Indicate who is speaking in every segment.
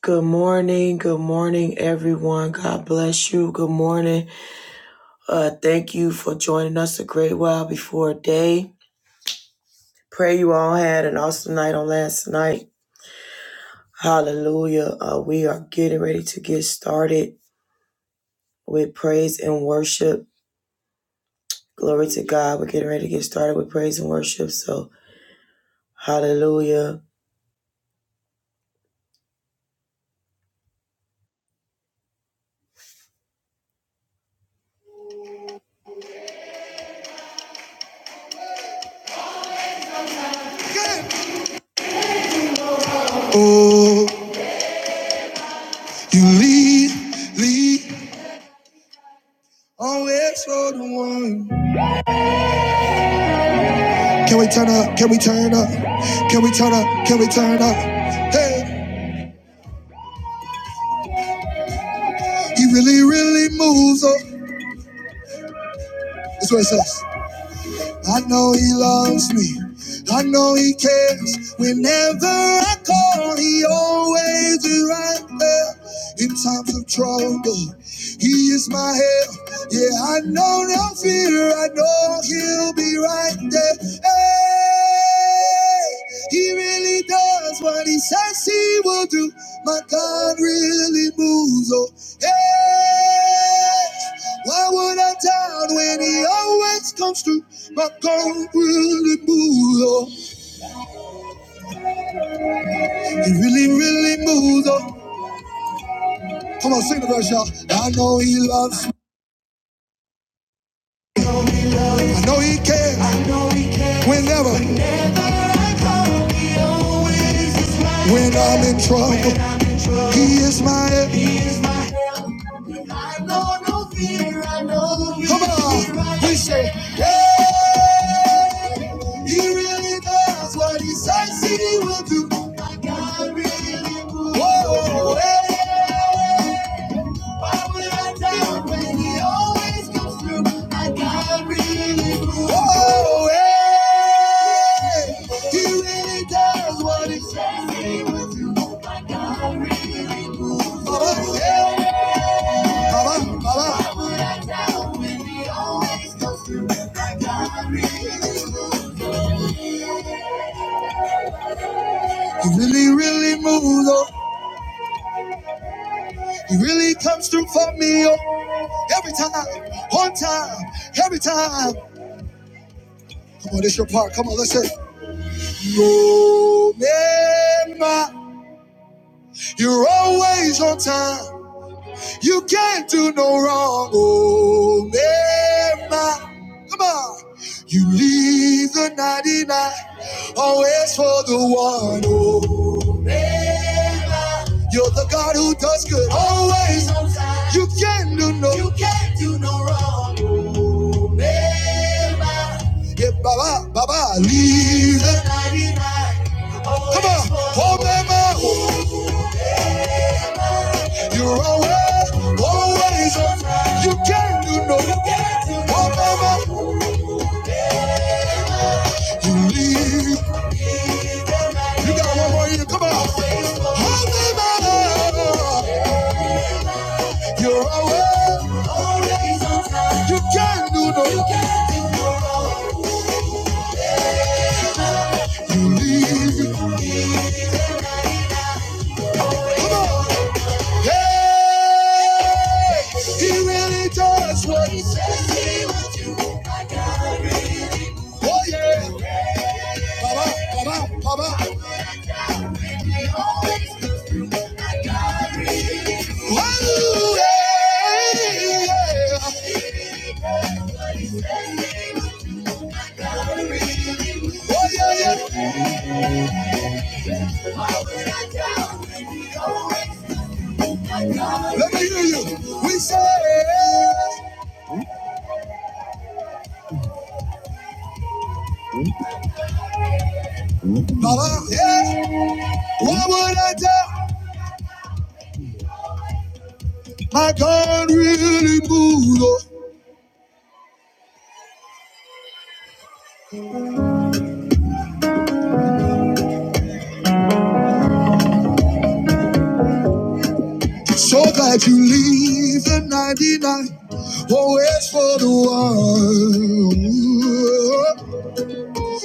Speaker 1: Good morning. Good morning, everyone. God bless you. Good morning. Uh, thank you for joining us a great while before day. Pray you all had an awesome night on last night. Hallelujah. Uh, we are getting ready to get started with praise and worship. Glory to God. We're getting ready to get started with praise and worship. So, hallelujah. Oh, you lead, lead, always for the one. Can we turn up? Can we turn up? Can we turn up? Can we turn up? Hey, he really, really moves up. That's what it says. I know he loves me. I know he cares. Whenever I call, he always is right there. In times of trouble, he is my help. Yeah, I know no fear. I know he'll be right there. Hey, he really does what he says he will do. My God really moves. Oh, hey, why would I doubt when he always comes through? My God really moves. Oh, he really, really moves. Oh. Come on, sing the verse, y'all. I know he loves me. I know he cares whenever, when I'm in trouble. He is my everything. I know no fear, I know no fear. Come on, we say, hey, he really does what he says he will do. My God really moves. Whoa, hey, why would I doubt when he always comes through? My God really moves. Whoa, hey, he really does what he says he will do. My God really moves. Oh, yeah. Cover, cover. You really, really move though. You really comes through for me oh. every time, on time, every time. Come on, this your part. Come on, let's say. Remember, you're always on time. You can't do no wrong, oh Mary. Come on. You leave the 99, always for the one. Oh, oh. You're the God who does good always. You can't do no, you can't do no wrong, oh Mary. Yeah, Baba, Baba, leave the 99. Come on, oh Mary. You're always, always on. time. You can't do no Oh, mama, you leave. You got one more year. Come on. Hold me back. You're always, always on. time. You can't do no You leave. Come on. Hey, he really does what he says. he would do, Oh yeah. Pop up, pop up, pop up. Whoa, yeah, yeah. Oh, yeah, yeah. Let me hear you. We say, Baba, yeah. What would I do? I can't really move. Oh. So glad you leave the 99. Always for the one.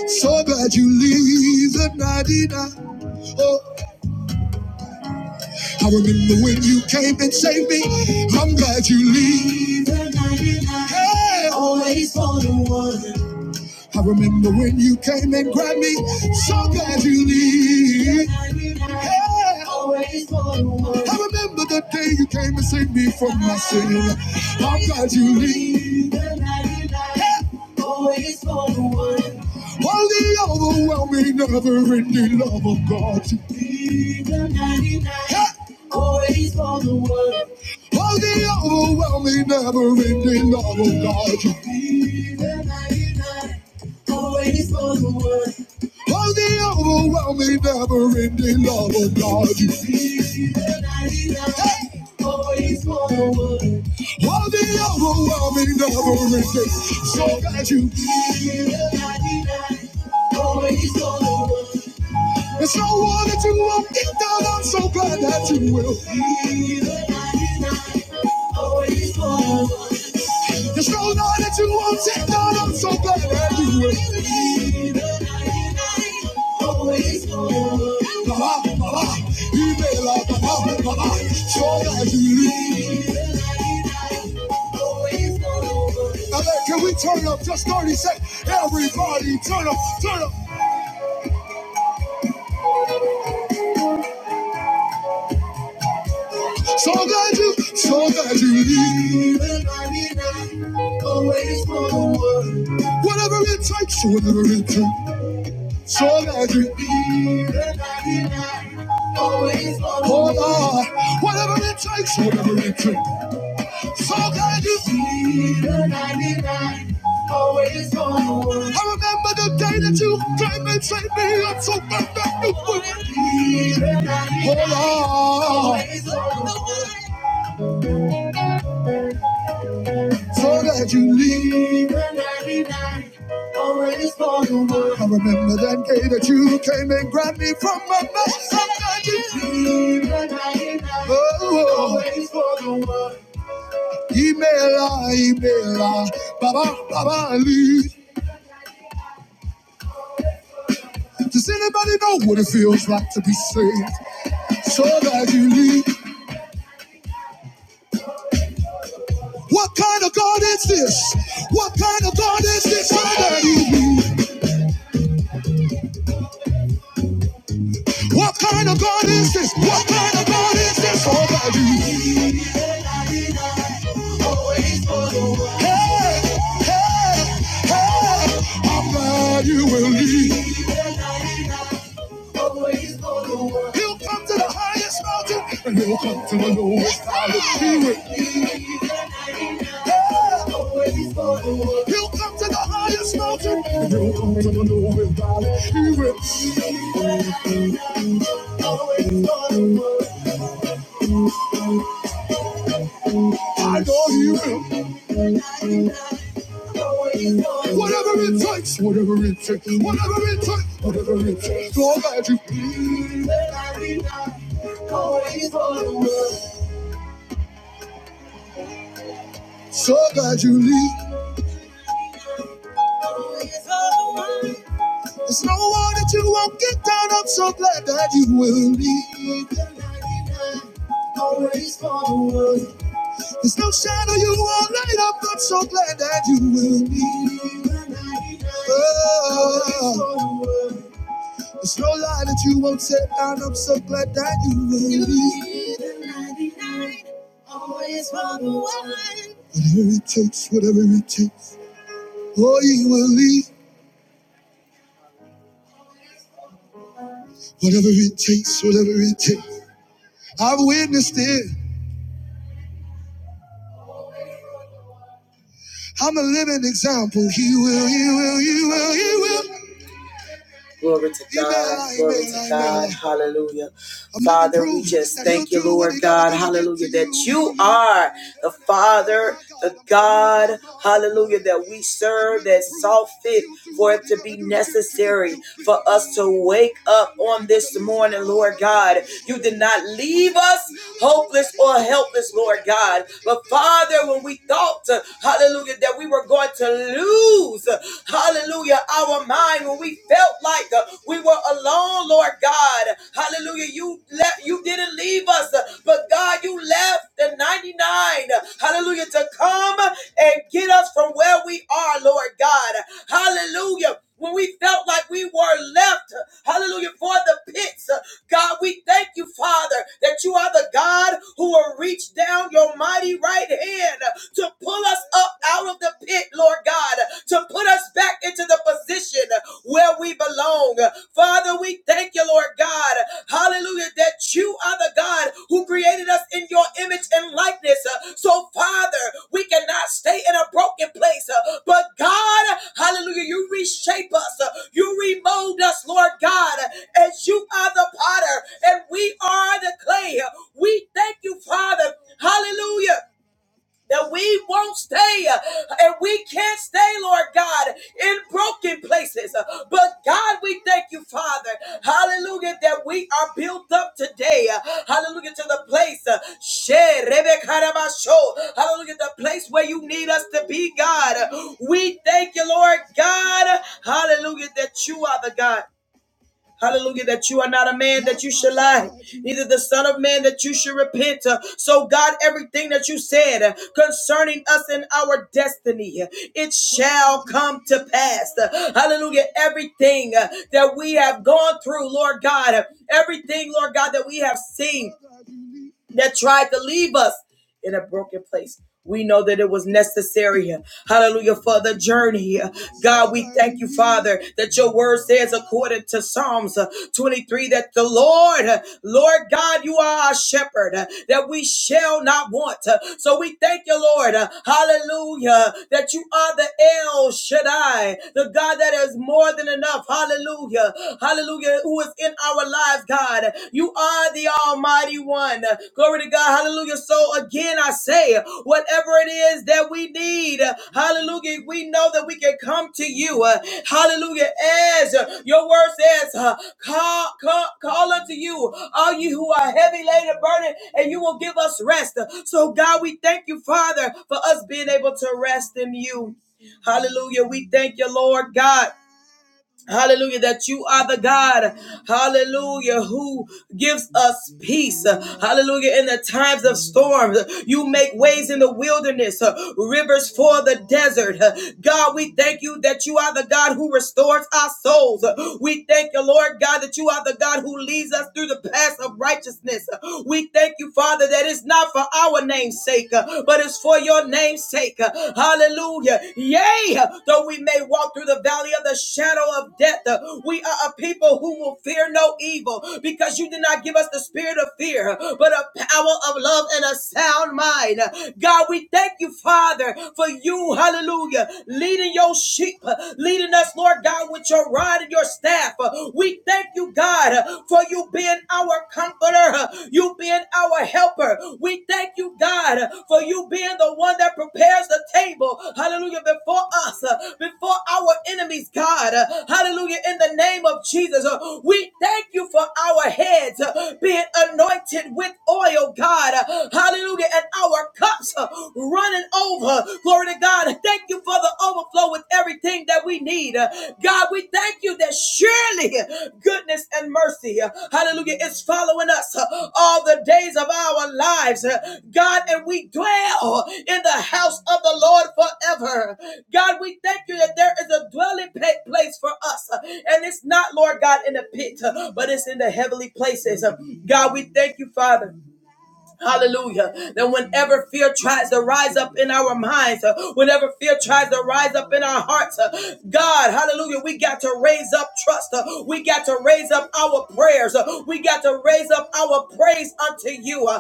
Speaker 1: So glad you leave the 99. Oh, I remember when you came and saved me. I'm glad you leave the 99. Hey, always for the one. I remember when you came and grabbed me. So glad you leave. Yeah. I remember the day you came and saved me from my sin. I'm glad you leave. Yeah. All the overwhelming, never ending love of God. Yeah. All the overwhelming, never ending love of God always on the one. For the overwhelming, never-ending love of God. He's the 99, Hey! always on the one. For the overwhelming, never-ending, so glad you. He's the 99, always on the one. It's your war that you won't get down. I'm so glad that you will. It's your law that you won't get down. I'm so glad that you will. Baba, baba, you may love baba, baba. Sure that you leave. Now, look, can we turn up just 30 seconds? Everybody, turn up, turn up. So glad you, so glad you leave. Always for the one. Whatever it takes, whatever it takes. So glad you leave. Always for the one. Oh Lord, whatever it takes, whatever it takes. So glad you leave. Always for the one. I remember the day that you came and saved me. I'm so glad that you were. Oh Lord. Always for the one. So glad you leave and every night always for the world. I remember that day that you came and grabbed me from my mouth. So glad you leave and every night always for the world. Email, email, Baba, Baba, leave. Does anybody know what it feels like to be saved? So glad you leave. What kind of God is this? What kind of God is this? So that you leave. What kind of God is this? What kind of God is this? Oh, God, you. Always for the world. Hey, hey, hey. I'm glad you will lead. He'll come to the highest mountain and he'll come to the lowest valley. He will. Always for the world. He'll come to the highest mountain and he'll come to the lowest valley. He will. Always for the world. I know He will. Whatever it takes, whatever it takes, whatever it takes, whatever it takes, Lord, that you please, so glad you leave. There's no one that you won't get down. I'm so glad that you will leave. There's no shadow you won't light up. I'm so glad that you will be. Oh, there's no lie that you won't set down. I'm so glad that you will be. Always for the one. Whatever it takes, whatever it takes. Oh, you will leave. Whatever it takes, whatever it takes. I've witnessed it. I'm a living example. He will, he will, he will, he will. Glory to God. Glory to God. Hallelujah. Father, we just thank you, Lord God. Hallelujah. That you are the Father, the God. Hallelujah. That we serve, that saw fit for it to be necessary for us to wake up on this morning, Lord God. You did not leave us hopeless or helpless, Lord God. But Father, when we thought, hallelujah, that we were going to lose, hallelujah, Hallelujah. Our mind when we felt like uh, we were alone, Lord God. Hallelujah. You left you didn't leave us, uh, but God, you left the 99. uh, Hallelujah to come and get us from where we are, Lord God. Hallelujah when we felt like we were left, hallelujah, for the pits. God, we thank you, Father, that you are the God who will reach down your mighty right hand to pull us up out of the pit, Lord God, to put us back into the position where we belong. Father, we thank you, Lord God, Hallelujah hallelujah, that you are the God who created us in your image and likeness. Uh, So, Father, we cannot stay in a broken place, uh, but God, hallelujah, you reshape us, uh, you remold us, Lord God, as you are the potter and we are the clay. We thank you, Father, hallelujah that we won't stay uh, and we can't stay, Lord God, in broken places. Uh, But God, we thank you, Father, hallelujah, that we are built up today, uh, hallelujah, to the place, uh, she- rebe karabasho, hallelujah, the place where you need us to be, God. We thank you, Lord God, hallelujah, that you are the God. Hallelujah, that you are not a man that you should lie, neither the Son of Man that you should repent. Uh, So, God, everything that you said uh, concerning us and our destiny, uh, it shall come to pass. Uh, Hallelujah, everything uh, that we have gone through, Lord God, uh, everything, Lord God, that we have seen that tried to leave us in a broken place. We know that it was necessary. Hallelujah for the journey. God, we thank you, Father, that your word says according to Psalms uh, 23 that the Lord, uh, Lord God, you are our shepherd, uh, that we shall not want. Uh, So we thank you, Lord. uh, Hallelujah. That you are the El Shaddai, the God that is more than enough. Hallelujah. Hallelujah. Who is in our our lives, God. You are the Almighty One. Glory to God. Hallelujah. So again, I say, whatever it is that we need, hallelujah, we know that we can come to you. Uh, Hallelujah. As uh, your word says, uh, call, call, call unto you, all you who are heavy laden, burdened, and you will give us rest. So, God, we thank you, Father, for us being able to rest in you. Hallelujah. We thank you, Lord God. Hallelujah, that you are the God, hallelujah, who gives us peace. Hallelujah, in the times of storms, you make ways in the wilderness, uh, rivers for the desert. Uh, God, we thank you that you are the God who restores our souls. Uh, We thank you, Lord God, that you are the God who leads us through the paths of righteousness. Uh, We thank you, Father, that it's not for our name's sake, uh, but it's is for your name's sake. Hallelujah. Yea, though we may walk through the valley of the shadow of death, we are a people who will fear no evil because you did not give us the spirit of fear, but a power of love and a sound mind. God, we thank you, Father, for you, hallelujah, leading your sheep, leading us, Lord God, with your rod and your staff. We thank you, God, for you being our comforter, you being our helper. We thank you, God, for you being the one that prepares the table, hallelujah, before us, uh, before our enemies, God, Uh, hallelujah, in the name of Jesus. uh, We thank you for our heads uh, being anointed with oil, God, Uh, hallelujah, and our cups uh, running over. Glory to God. Thank you for the the overflow with everything that we need. Uh, God, we thank you that surely uh, goodness and mercy, uh, hallelujah, is following us uh, all the days of our lives. Uh, God, and we dwell in the house of the Lord forever. God, we thank you that there is a dwelling place for us. uh, And it's not, Lord God, in the pit, uh, but it's in the heavenly places. Uh, God, we thank you, Father. Hallelujah. That whenever fear tries to rise up in our minds, uh, whenever fear tries to rise up in our hearts, uh, God, hallelujah, we got to raise up trust. uh, we got to raise up our prayers. uh, we got to raise up our praise unto you, uh,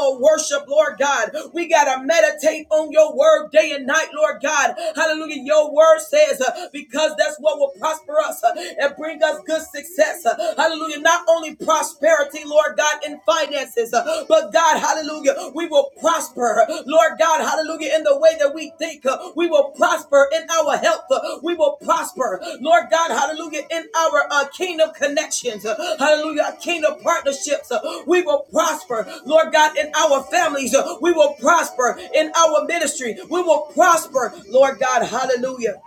Speaker 1: our worship, Lord God. We got to meditate on your word day and night, Lord God. Hallelujah. Your word says, uh, because that's what will prosper us uh, and bring us good success. uh, Hallelujah. Not only prosperity, Lord God, in finances, uh, but God, hallelujah, we will prosper. Lord God, hallelujah, in the way that we think. uh, We will prosper in our health. uh, We will prosper. Lord God, hallelujah, in our uh, kingdom connections. uh, Hallelujah, kingdom partnerships. uh, We will prosper. Lord God, in our families. uh, We will prosper in our ministry. We will prosper. Lord God, hallelujah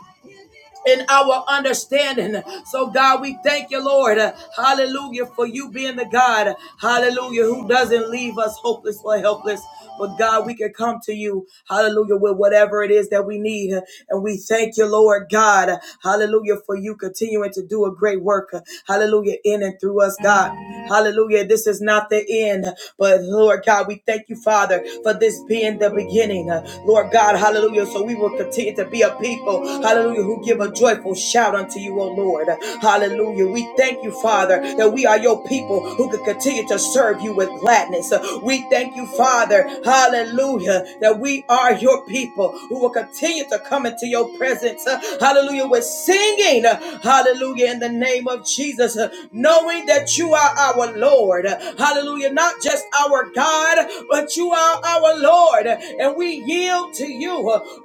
Speaker 1: in our understanding. So, God, we thank you, Lord. Hallelujah, for you being the God, hallelujah, who doesn't leave us hopeless or helpless. But, God, we can come to you, hallelujah, with whatever it is that we need. And we thank you, Lord God, hallelujah, for you continuing to do a great work, hallelujah, in and through us, God. Hallelujah. This is not the end, but Lord God, we thank you, Father, for this this being the beginning, uh, Lord God, hallelujah. So we will continue to be a people, hallelujah, who give a joyful shout unto you, O Lord, hallelujah. We thank you, Father, that we are your people who can continue to serve you with gladness. Uh, We thank you, Father, hallelujah, that we are your people who will continue to come into your presence, uh, hallelujah, with singing, uh, hallelujah, in the name of Jesus. Uh, No knowing that you are our Lord. Hallelujah. Not just our God, but you are our Lord. And we yield to you.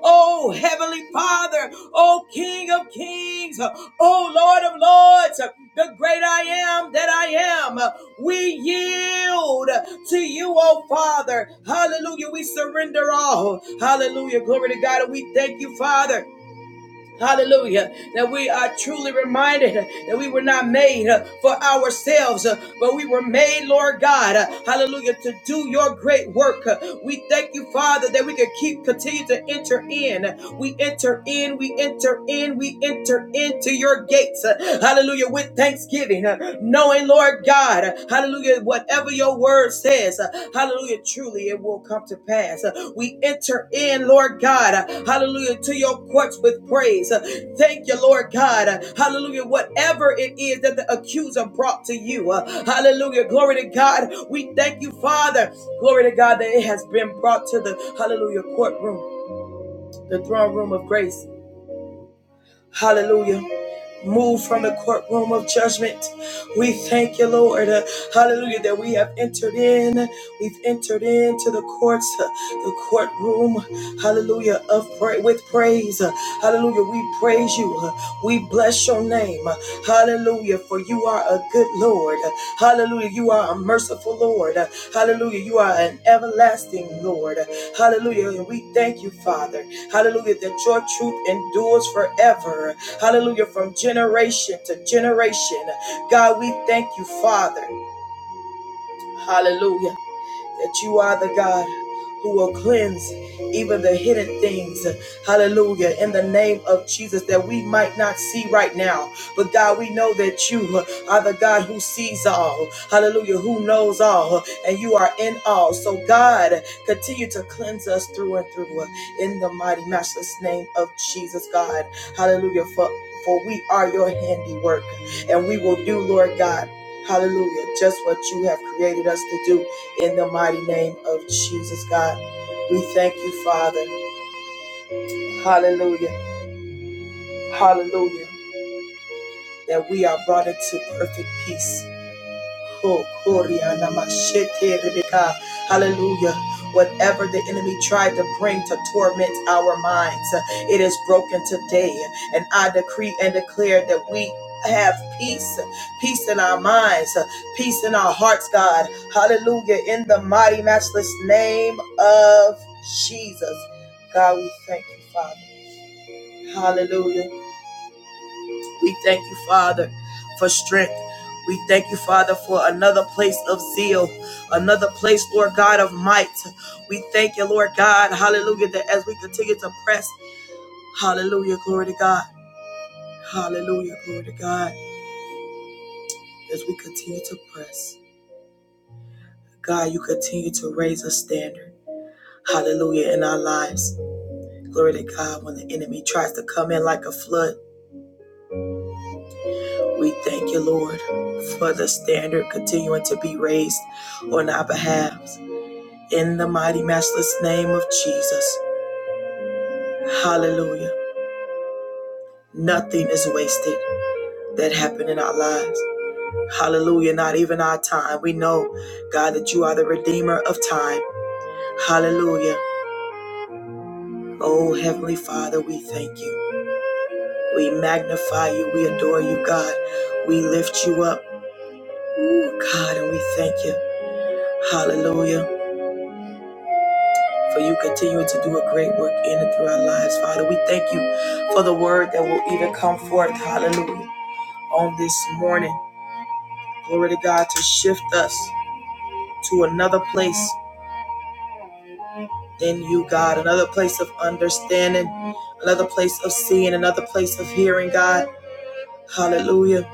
Speaker 1: Oh, Heavenly Father. Oh, King of Kings. Oh, Lord of Lords. The great I am that I am. We yield to you, oh Father. Hallelujah. We surrender all. Hallelujah. Glory to God. And we thank you, Father. Hallelujah. That we are truly reminded that we were not made uh, for ourselves, uh, but we were made, Lord God. uh, Hallelujah. To do your great work. Uh, We thank you, Father, that we can keep continue to enter in. We enter in, we enter in, we enter into your gates. uh, Hallelujah. With thanksgiving, uh, knowing, Lord God. Hallelujah. Whatever your word says, uh, hallelujah, truly it will come to pass. Uh, We enter in, Lord God, uh, hallelujah, to your courts with praise. Uh, Thank you, Lord God. Uh, Hallelujah. Whatever it is that the accuser brought to you, uh, hallelujah. Glory to God. We thank you, Father. Glory to God that it has been brought to the, hallelujah, courtroom, the throne room of grace. Hallelujah. Move from the courtroom of judgment. We thank you, Lord. Uh, Hallelujah, that we have entered in. We've entered into the courts, uh, the courtroom. Hallelujah, of pray with praise. Uh, Hallelujah, we praise you. Uh, We bless your name. Uh, Hallelujah, for you. You are a good Lord. Hallelujah. You are a merciful Lord. Hallelujah. You are an everlasting Lord. Hallelujah. And we thank you, Father. Hallelujah. That your truth endures forever. Hallelujah. From generation to generation. God, we thank you, Father. Hallelujah that you are the God who will cleanse even the hidden things. Hallelujah. In the name of Jesus that we might not see right now. But God, we know that you are the God who sees all. Hallelujah. Who knows all. And you are in all. So God, continue to cleanse us through and through in the mighty matchless name of Jesus God. Hallelujah. For for we are your handiwork and we will do, Lord God. Hallelujah. Just what you have created us to do in the mighty name of Jesus, God. We thank you, Father. Hallelujah. Hallelujah. That we are brought into perfect peace Oh, Gloria, Namashete, Rebecca. Hallelujah. Whatever the enemy tried to bring to torment our minds, it is broken today. And I decree and declare that we have peace, peace in our minds, peace in our hearts, God. Hallelujah. In the mighty, matchless name of Jesus. God, we thank you, Father. Hallelujah. We thank you, Father, for strength. We thank you, Father, for another place of zeal, another place, Lord God, of might. We thank you, Lord God, hallelujah, that as we continue to press, hallelujah, glory to God, hallelujah, glory to God, as we continue to press, God, you continue to raise a standard, hallelujah, in our lives. Glory to God, when the enemy tries to come in like a flood, we thank you, Lord, for the standard continuing to be raised on our behalf. In the mighty, matchless name of Jesus. Hallelujah. Nothing is wasted that happened in our lives. Hallelujah. Not even our time. We know, God, that you are the Redeemer of time. Hallelujah. Oh, Heavenly Father, we thank you. We magnify you. We adore you, God. We lift you up. Ooh, God, and we thank you. Hallelujah. For you continuing to do a great work in and through our lives, Father. We thank you for the word that will even come forth. Hallelujah on this morning. Glory to God to shift us to another place in you, God, another place of understanding, another place of seeing, another place of hearing, God. Hallelujah.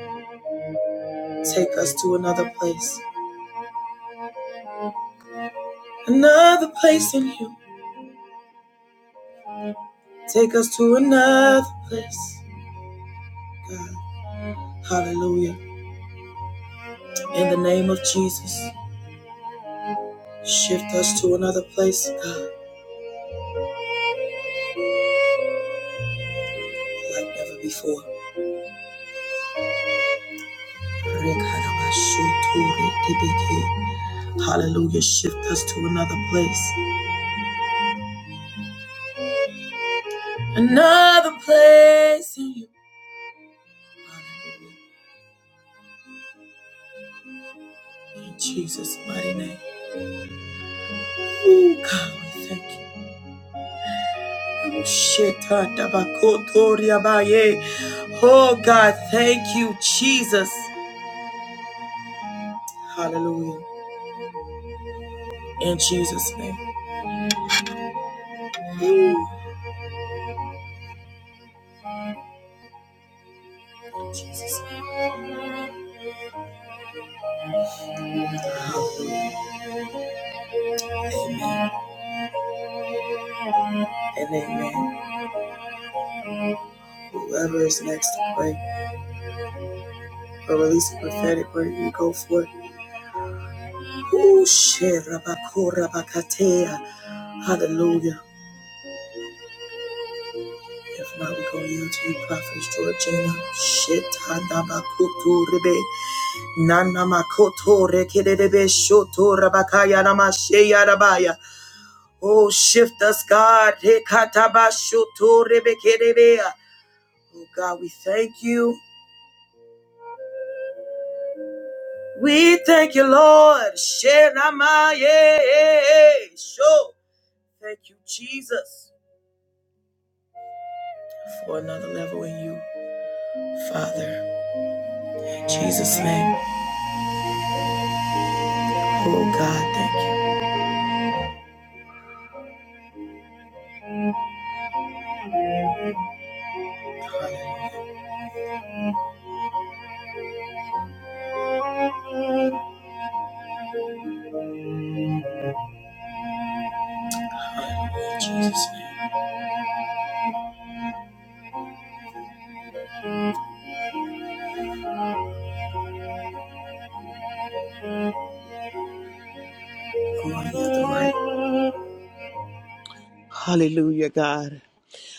Speaker 1: Take us to another place, another place in you. Take us to another place, God. Hallelujah. In the name of Jesus, shift us to another place, God, like never before. Hallelujah. Shift us to another place. Another place in you. Hallelujah. In Jesus' mighty name. Oh God, we thank you. Oh shit, ah, baye. Oh, God, thank you, Jesus. Hallelujah. In Jesus' name. And amen. Whoever is next to pray or release a prophetic word, you go for it. Oh shit, rabako, Hallelujah. If not, we're going to yield to you, Prophet Georgina. Shit, rebe. Nana makoto rekedebe shoto rabakaya namasheya rabaya. Oh, shift us, God. Rekataba rebekedebea. Oh, God, we thank you. We thank you, Lord. Shenamaye. Sho. Thank you, Jesus, for another level in you, Father. In Jesus' name. Oh, God, thank you. You are the right
Speaker 2: Hallelujah, God.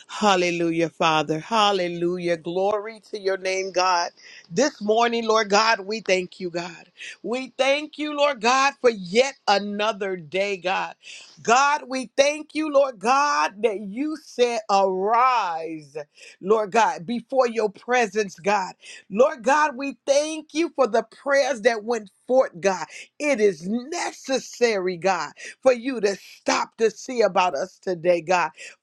Speaker 2: Hallelujah, Father. Hallelujah. Glory to your name, God. This morning, Lord God, we thank you, God. We thank you, Lord God, for yet another day, God. God, we thank you, Lord God, that you said, Arise, Lord God, before your presence, God. Lord God, we thank you for the prayers that went forth, God. It is necessary, God, for you to stop to see about us today, God.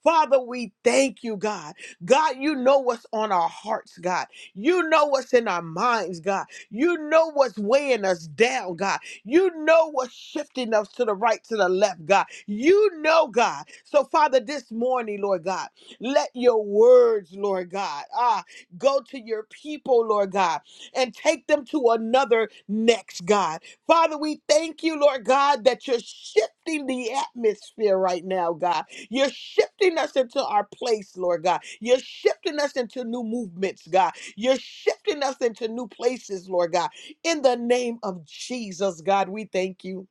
Speaker 2: Father, we thank you, God. God, you know what's on our hearts, God. You know what's in our minds, God. You know what's weighing us down, God. You know what's shifting us to the right, to the left, God. You know, God. So, Father, this morning, Lord God, let your words, Lord God, ah, go to your people, Lord God, and take them to another next, God. Father, we thank you, Lord God, that you're shifting the atmosphere right now, God. You're shifting us into our place, Lord God. You're shifting us into new movements, God. You're shifting us into new places, Lord God. In the name of Jesus, God, we thank you.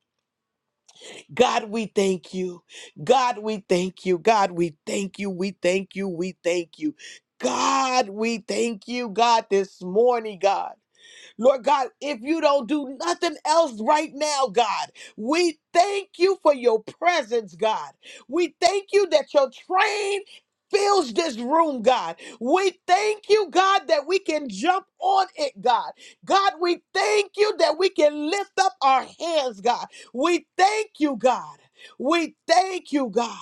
Speaker 2: God, we thank you. God, we thank you. God, we thank you. We thank you. We thank you. God, we thank you, God, this morning, God. Lord God, if you don't do nothing else right now, God, we thank you for your presence, God. We thank you that your train fills this room, God. We thank you, God, that we can jump on it, God. God, we thank you that we can lift up our hands, God. We thank you, God. We thank you, God.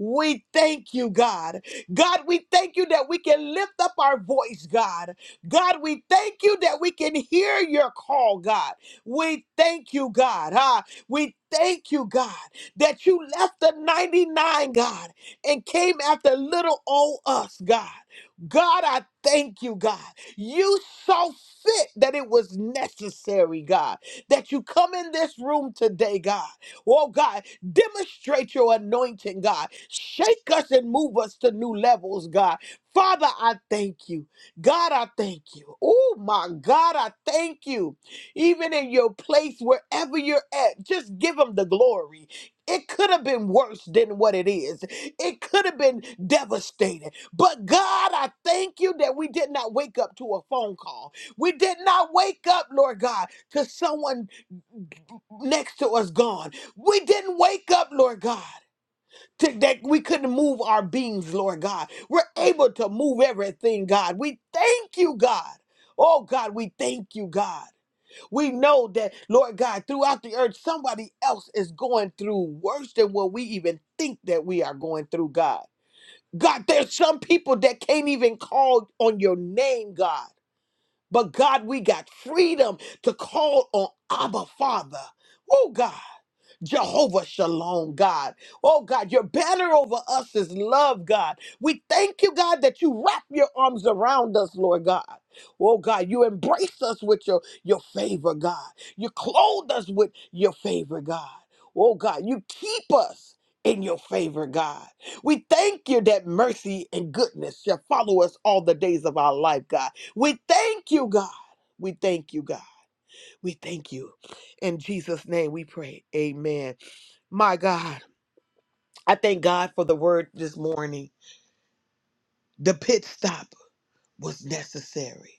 Speaker 2: We thank you, God. God, we thank you that we can lift up our voice, God. God, we thank you that we can hear your call, God. We thank you, God. Huh? We thank you, God, that you left the 99, God, and came after little old us, God. God, I thank you, God. You saw fit that it was necessary, God, that you come in this room today, God. Oh, God, demonstrate your anointing, God. Shake us and move us to new levels, God. Father, I thank you. God, I thank you. Oh my God, I thank you. Even in your place, wherever you're at, just give them the glory. It could have been worse than what it is. It could have been devastating. But God, I thank you that we did not wake up to a phone call. We did not wake up, Lord God, to someone next to us gone. We didn't wake up, Lord God to- that we couldn't move our beings, Lord God. We're able to move everything, God. We thank you, God. Oh, God, we thank you, God. We know that, Lord God, throughout the earth, somebody else is going through worse than what we even think that we are going through, God. God, there's some people that can't even call on your name, God. But God, we got freedom to call on Abba Father. Oh, God. Jehovah Shalom, God. Oh, God, your banner over us is love, God. We thank you, God, that you wrap your arms around us, Lord God. Oh, God, you embrace us with your, your favor, God. You clothe us with your favor, God. Oh, God, you keep us in your favor, God. We thank you that mercy and goodness shall follow us all the days of our life, God. We thank you, God. We thank you, God. We thank you. In Jesus' name we pray. Amen. My God, I thank God for the word this morning. The pit stop was necessary.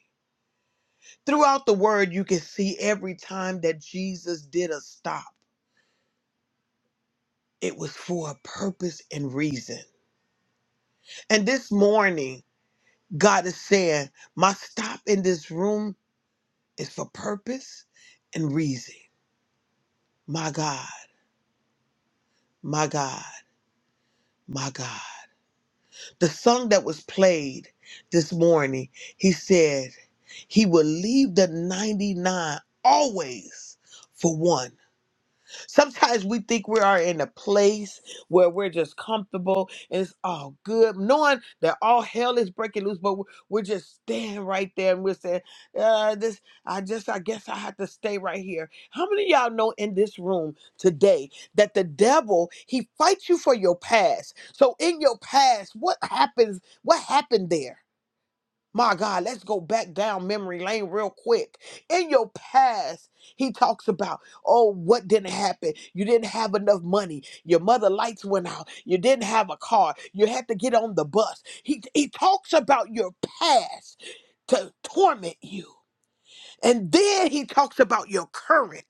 Speaker 2: Throughout the word, you can see every time that Jesus did a stop, it was for a purpose and reason. And this morning, God is saying, My stop in this room is for purpose and reason. My God, my God, my God. The song that was played this morning, he said he would leave the 99 always for one. Sometimes we think we are in a place where we're just comfortable and it's all good, knowing that all hell is breaking loose, but we're we're just standing right there and we're saying, uh, this, I just, I guess I have to stay right here. How many of y'all know in this room today that the devil, he fights you for your past? So in your past, what happens? What happened there? My God, let's go back down memory lane real quick. In your past, he talks about, oh, what didn't happen? You didn't have enough money. Your mother lights went out. You didn't have a car. You had to get on the bus. He, he talks about your past to torment you. And then he talks about your current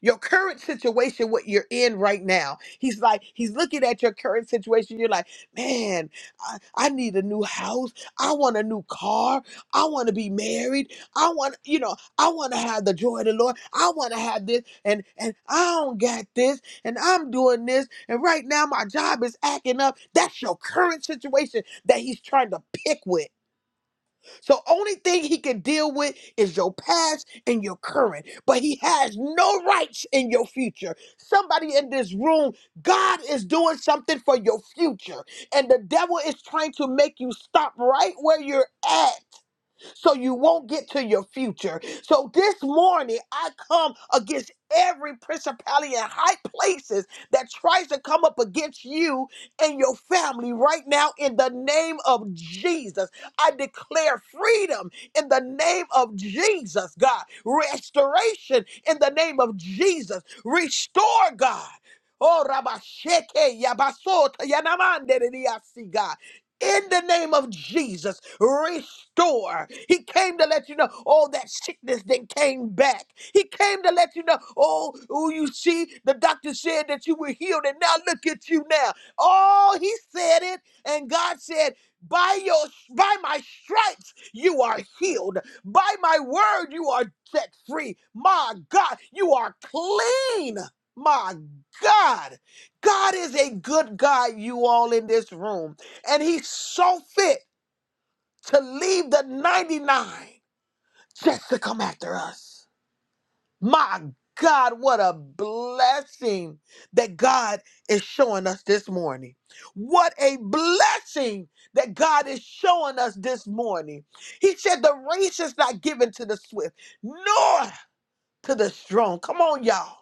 Speaker 2: your current situation, what you're in right now. He's like, he's looking at your current situation. You're like, man, I, I need a new house. I want a new car. I want to be married. I want, you know, I want to have the joy of the Lord. I want to have this, and and I don't got this, and I'm doing this, and right now my job is acting up. That's your current situation that he's trying to pick with. So only thing he can deal with is your past and your current, but he has no rights in your future. Somebody in this room, God is doing something for your future, and the devil is trying to make you stop right where you're at so you won't get to your future. So this morning, I come against every principality in high places that tries to come up against you and your family right now in the name of Jesus. I declare freedom in the name of Jesus, God. Restoration in the name of Jesus. Restore, God. Oh, Rabasheke, Yabasota, Yanamande, God in the name of Jesus, restore. He came to let you know, oh, that sickness that came back. He came to let you know, oh, oh, you see, the doctor said that you were healed, and now look at you now. Oh, he said it, and God said, by your by my stripes you are healed. By my word you are set free. My God, you are clean. My God. God is a good God, you all in this room. And he saw fit to leave the 99 just to come after us. My God, what a blessing that God is showing us this morning. What a blessing that God is showing us this morning. He said, The race is not given to the swift, nor to the strong. Come on, y'all.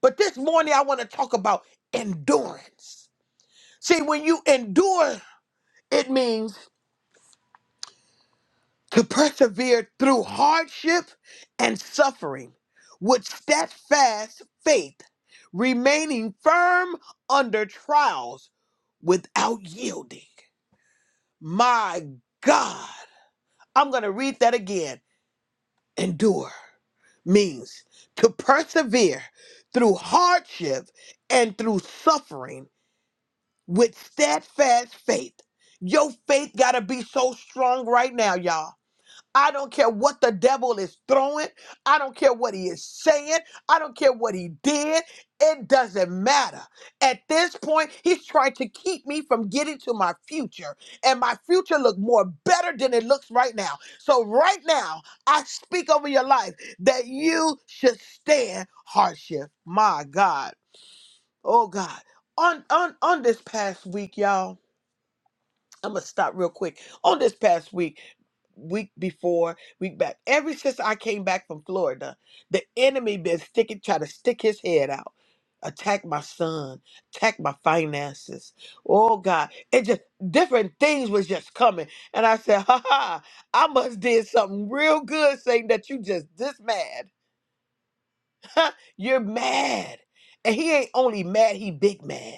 Speaker 2: But this morning, I want to talk about endurance. See, when you endure, it means to persevere through hardship and suffering with steadfast faith, remaining firm under trials without yielding. My God, I'm going to read that again. Endure means to persevere through hardship and through suffering with steadfast faith. Your faith got to be so strong right now, y'all I don't care what the devil is throwing. I don't care what he is saying. I don't care what he did. It doesn't matter. At this point, he's trying to keep me from getting to my future. And my future look more better than it looks right now. So right now, I speak over your life that you should stand hardship. My God. Oh God. On on on this past week, y'all. I'm gonna stop real quick. On this past week week before, week back. Ever since I came back from Florida, the enemy been sticking, trying to stick his head out, attack my son, attack my finances. Oh God, it just different things was just coming, and I said, "Ha ha! I must did something real good, saying that you just this mad." You're mad. And he ain't only mad, he big mad.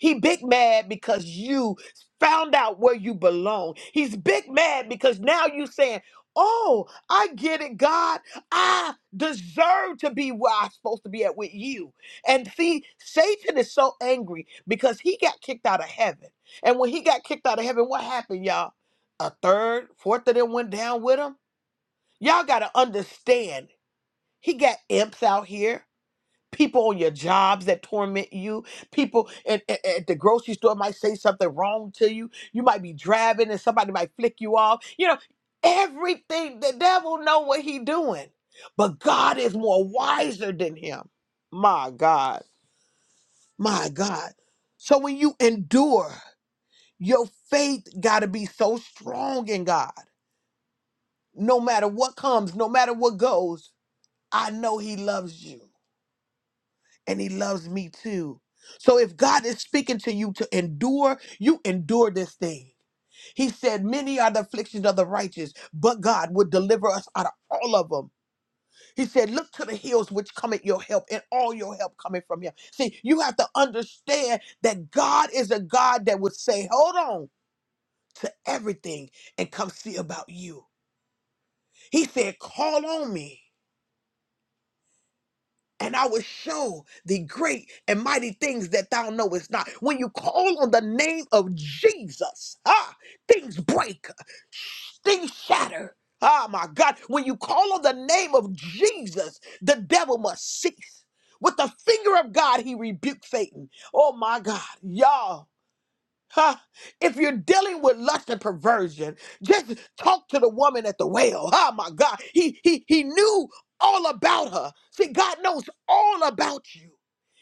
Speaker 2: He big mad because you found out where you belong. He's big mad because now you saying, Oh, I get it, God. I deserve to be where I'm supposed to be at with you. And see, Satan is so angry because he got kicked out of heaven. And when he got kicked out of heaven, what happened, y'all? A third, fourth of them went down with him. Y'all got to understand, he got imps out here people on your jobs that torment you people at, at, at the grocery store might say something wrong to you you might be driving and somebody might flick you off you know everything the devil know what he doing but god is more wiser than him my god my god so when you endure your faith got to be so strong in god no matter what comes no matter what goes i know he loves you and he loves me too. So if God is speaking to you to endure, you endure this thing. He said, Many are the afflictions of the righteous, but God would deliver us out of all of them. He said, Look to the hills which cometh your help, and all your help coming from him. See, you have to understand that God is a God that would say, Hold on to everything and come see about you. He said, Call on me. and I will show thee great and mighty things that thou knowest not. When you call on the name of Jesus, ah, things break, things shatter. Ah, my God. When you call on the name of Jesus, the devil must cease. With the finger of God, he rebuked Satan. Oh, my God. Y'all. Huh? If you're dealing with lust and perversion, just talk to the woman at the well. Oh my God. He he he knew all about her. See, God knows all about you.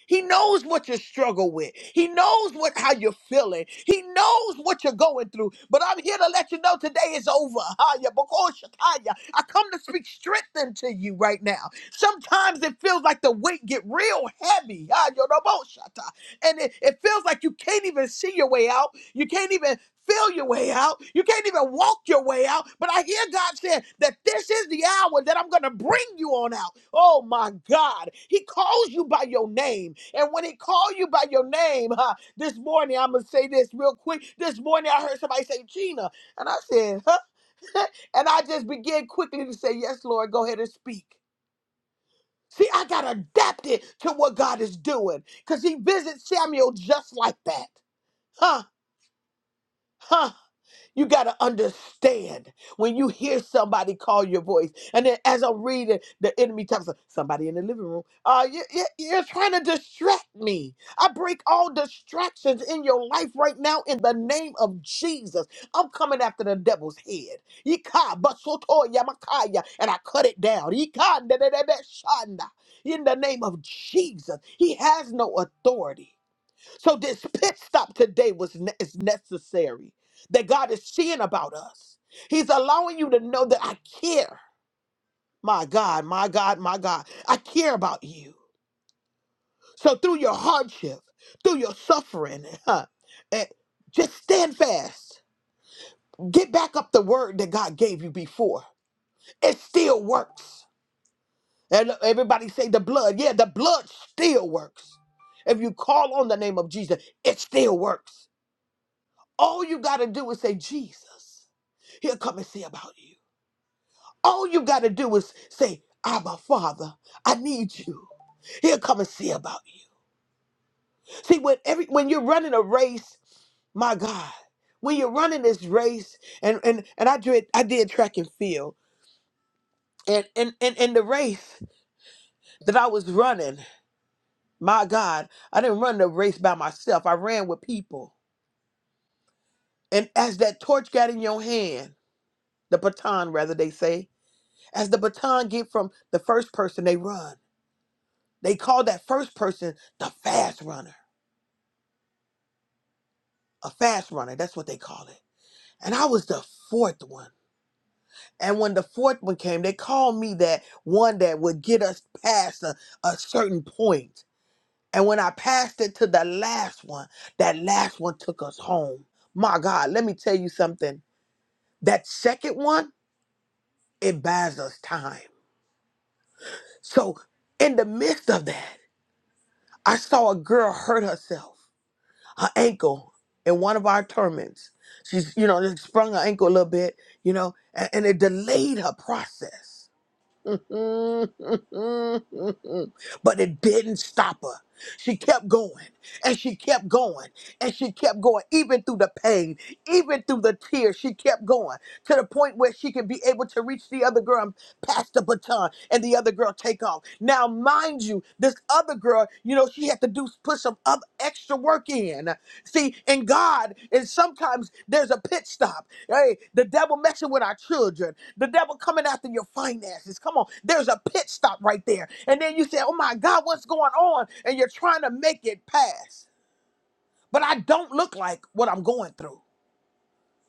Speaker 2: He knows what you struggle with. He knows what how you're feeling. He knows what you're going through. But I'm here to let you know today is over. Haya, boko shakaya. I come to speak strength into you right now. Sometimes it feels like the weight get real heavy. Haya, no mo shata and it, it feels like you can't even see your way out. You can't even feel your way out. You can't even walk your way out. But I hear God saying that this is the hour that I'm going to bring you on out. Oh my God. He calls you by your name. And when he calls you by your name, huh, this morning, I'm going to say this real quick. This morning, I heard somebody say, Gina. And I said, huh? and I just began quickly to say, Yes, Lord, go ahead and speak. See, I got adapted to what God is doing because he visits Samuel just like that. Huh? Huh? You got to understand when you hear somebody call your voice. And then as I'm reading, the enemy talks types somebody in the living room. Uh, you, you, you're trying to distract me. I break all distractions in your life right now in the name of Jesus. I'm coming after the devil's head. Yika basoto yamakaya, And I cut it down. Yika ndededebe shanda. In the name of Jesus, he has no authority. So this pit stop today was ne- is necessary. That God is seeing about us. He's allowing you to know that I care. My God, my God, my God, I care about you. So through your hardship, through your suffering, huh, eh, just stand fast. Get back up the word that God gave you before. It still works. And look, everybody say the blood. Yeah, the blood still works. If you call on the name of Jesus, it still works. All you got to do is say, Jesus, he'll come and see about you. All you got to do is say, Abba, Father, I need you. He'll come and see about you. See, when, every, when you're running a race, my God, when you're running this race, and, and, and I, did, I did track and field, and and, and, in the race that I was running, my God, I didn't run the race by myself. I ran with people. And as that torch got in your hand, the baton, rather, they say, As the baton get from the first person, they run. They call that first person the fast runner. A fast runner, that's what they call it. And I was the fourth one. And when the fourth one came, they called me that one that would get us past a, a certain point. And when I passed it to the last one, that last one took us home. My God, let me tell you something. That second one, it buys us time. So in the midst of that, I saw a girl hurt herself. her ankle in one of our tournaments. She's, you know, it sprung her ankle a little bit, you know, and, and it delayed her process. but it didn't stop her. She kept going and she kept going and she kept going, even through the pain, even through the tears. She kept going to the point where she could be able to reach the other girl and pass the baton, and the other girl take off. Now, mind you, this other girl, you know, she had to do put some other extra work in. See, in God, and sometimes there's a pit stop. Hey, the devil messing with our children. The devil coming after your finances. Come on. There's a pit stop right there. And then you say, oh my God, what's going on? And you're trying to make it pass. But I don't look like what I'm going through.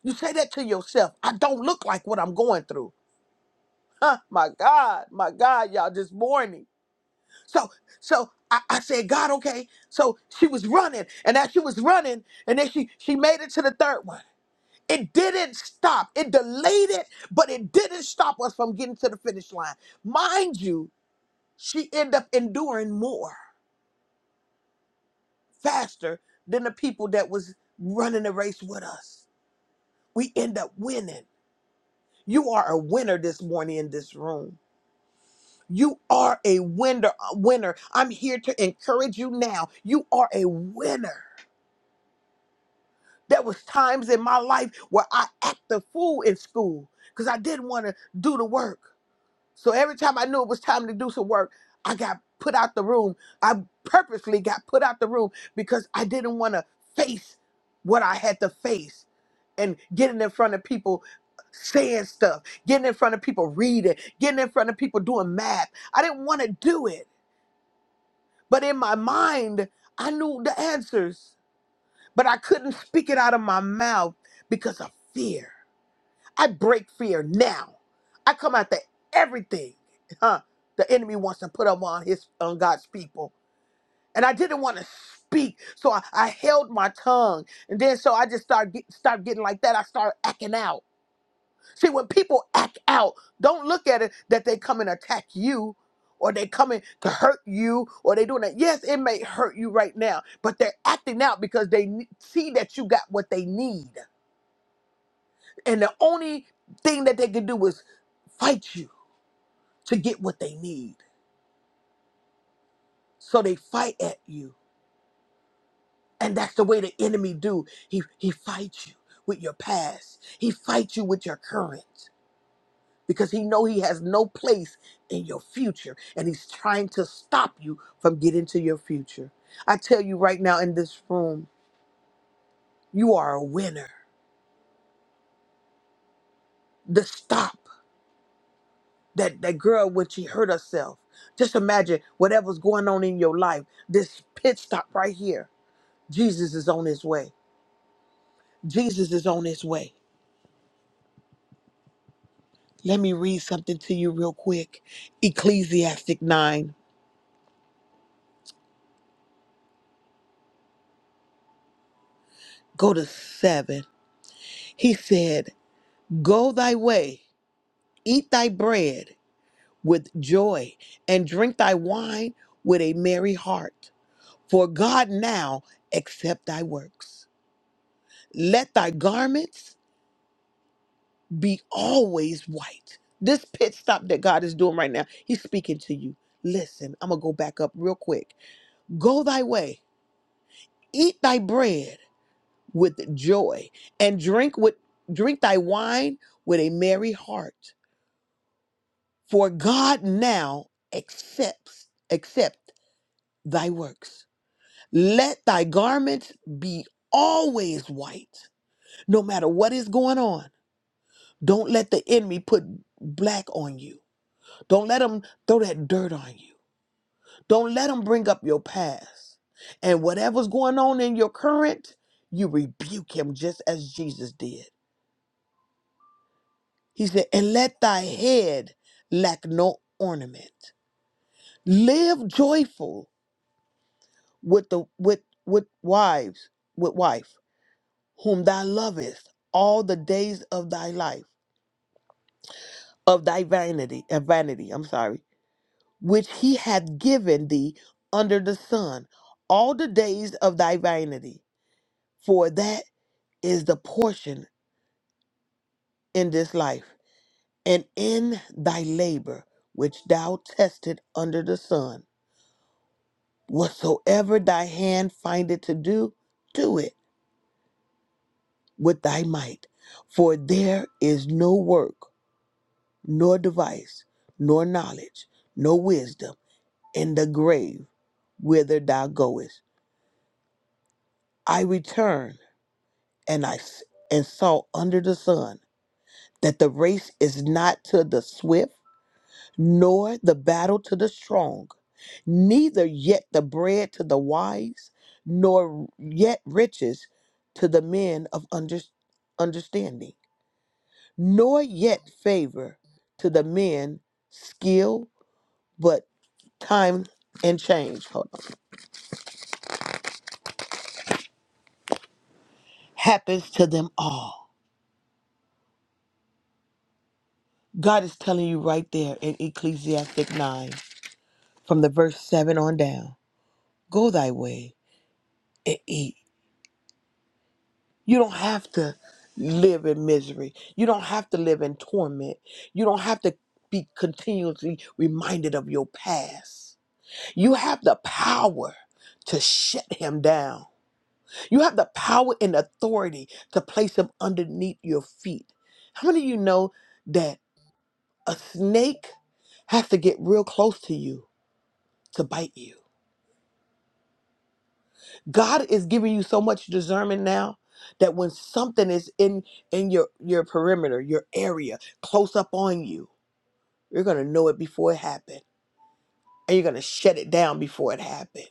Speaker 2: You say that to yourself. I don't look like what I'm going through. Huh, my God, my God, y'all just morning. So, so I, I said, God, okay. So she was running, and as she was running, and then she she made it to the third one. It didn't stop. It delayed it, but it didn't stop us from getting to the finish line. Mind you, she ended up enduring more faster than the people that was running the race with us. We end up winning. You are a winner this morning in this room. You are a winner. uh, Winner. I'm here to encourage you now. You are a winner. There was times in my life where I acted a fool in school because I didn't want to do the work. So every time I knew it was time to do some work, I got put out the room. I purposely got put out the room because I didn't want to face what I had to face and getting in front of people saying stuff, getting in front of people reading, getting in front of people doing math. I didn't want to do it. But in my mind, I knew the answers, but I couldn't speak it out of my mouth because of fear. I break fear now. I come after everything, huh? The enemy wants to put up on his on God's people, and I didn't want to speak, so I, I held my tongue, and then so I just started get, start getting like that. I started acting out. See, when people act out, don't look at it that they come and attack you. Or they coming to hurt you, or they doing that. Yes, it may hurt you right now, but they're acting out because they ne- see that you got what they need. And the only thing that they can do is fight you to get what they need. So they fight at you. And that's the way the enemy do. He he fights you with your past. He fights you with your current because he know he has no place in your future and he's trying to stop you from getting to your future. I tell you right now in this room, you are a winner. The stop. that that girl when she hurt herself. Just imagine whatever's going on in your life. This pit stop right here. Jesus is on his way. Jesus is on his way. Let me read something to you real quick. Ecclesiastic 9, go to 7. He said, Go thy way, eat thy bread with joy, and drink thy wine with a merry heart. For God now accept thy works. Let thy garments be always white. This pit stop that God is doing right now, He's speaking to you. Listen, I'm going to go back up real quick. Go thy way, eat thy bread with joy, and drink with drink thy wine with a merry heart. For God now accepts accept thy works. Let thy garments be always white, no matter what is going on. Don't let the enemy put black on you. Don't let them throw that dirt on you. Don't let them bring up your past. And whatever's going on in your current, you rebuke him just as Jesus did. He said, And let thy head lack no ornament. Live joyful with the with with wives, with wife, whom thou lovest all the days of thy life, of thy vanity, of vanity, I'm sorry. which he hath given thee under the sun, all the days of thy vanity. For that is the portion in this life, and in thy labor which thou tested under the sun. Whatsoever thy hand findeth to do, do it with thy might. For there is no work, nor device, nor knowledge, nor wisdom in the grave whither thou goest. I return. and I s- and saw under the sun that the race is not to the swift, nor the battle to the strong, neither yet the bread to the wise, nor yet riches to the men of under, understanding, nor yet favor to the men skill, but time and change hold on, happens to them all. God is telling you right there in Ecclesiastic 9 from the verse 7 on down Go thy way and eat. You don't have to live in misery. You don't have to live in torment. You don't have to be continuously reminded of your past. You have the power to shut him down. You have the power and authority to place him underneath your feet. How many of you know that a snake has to get real close to you to bite you? God is giving you so much discernment now that when something is in in your your perimeter, your area, close up on you, you're gonna know it before it happened. And you're gonna shut it down before it happened.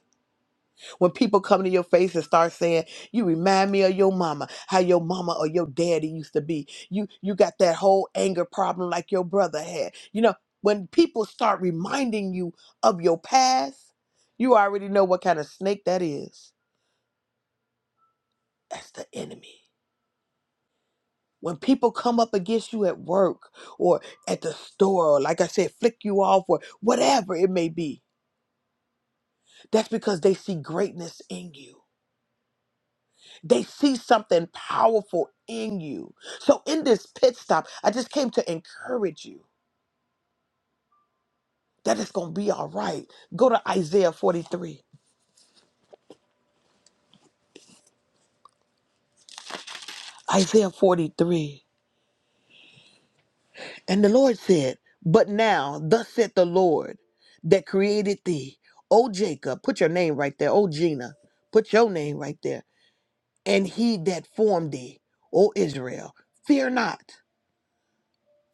Speaker 2: When people come to your face and start saying, "You remind me of your mama, how your mama or your daddy used to be. You you got that whole anger problem like your brother had." You know, when people start reminding you of your past, you already know what kind of snake that is. That's the enemy. When people come up against you at work or at the store, or like I said, flick you off or whatever it may be, that's because they see greatness in you. They see something powerful in you. So in this pit stop, I just came to encourage you that it's going to be all right. Go to Isaiah 43. Isaiah 43. And the Lord said, But now, thus said the Lord that created thee, O Jacob, put your name right there, O Gina, put your name right there and he that formed thee, O Israel. Fear not,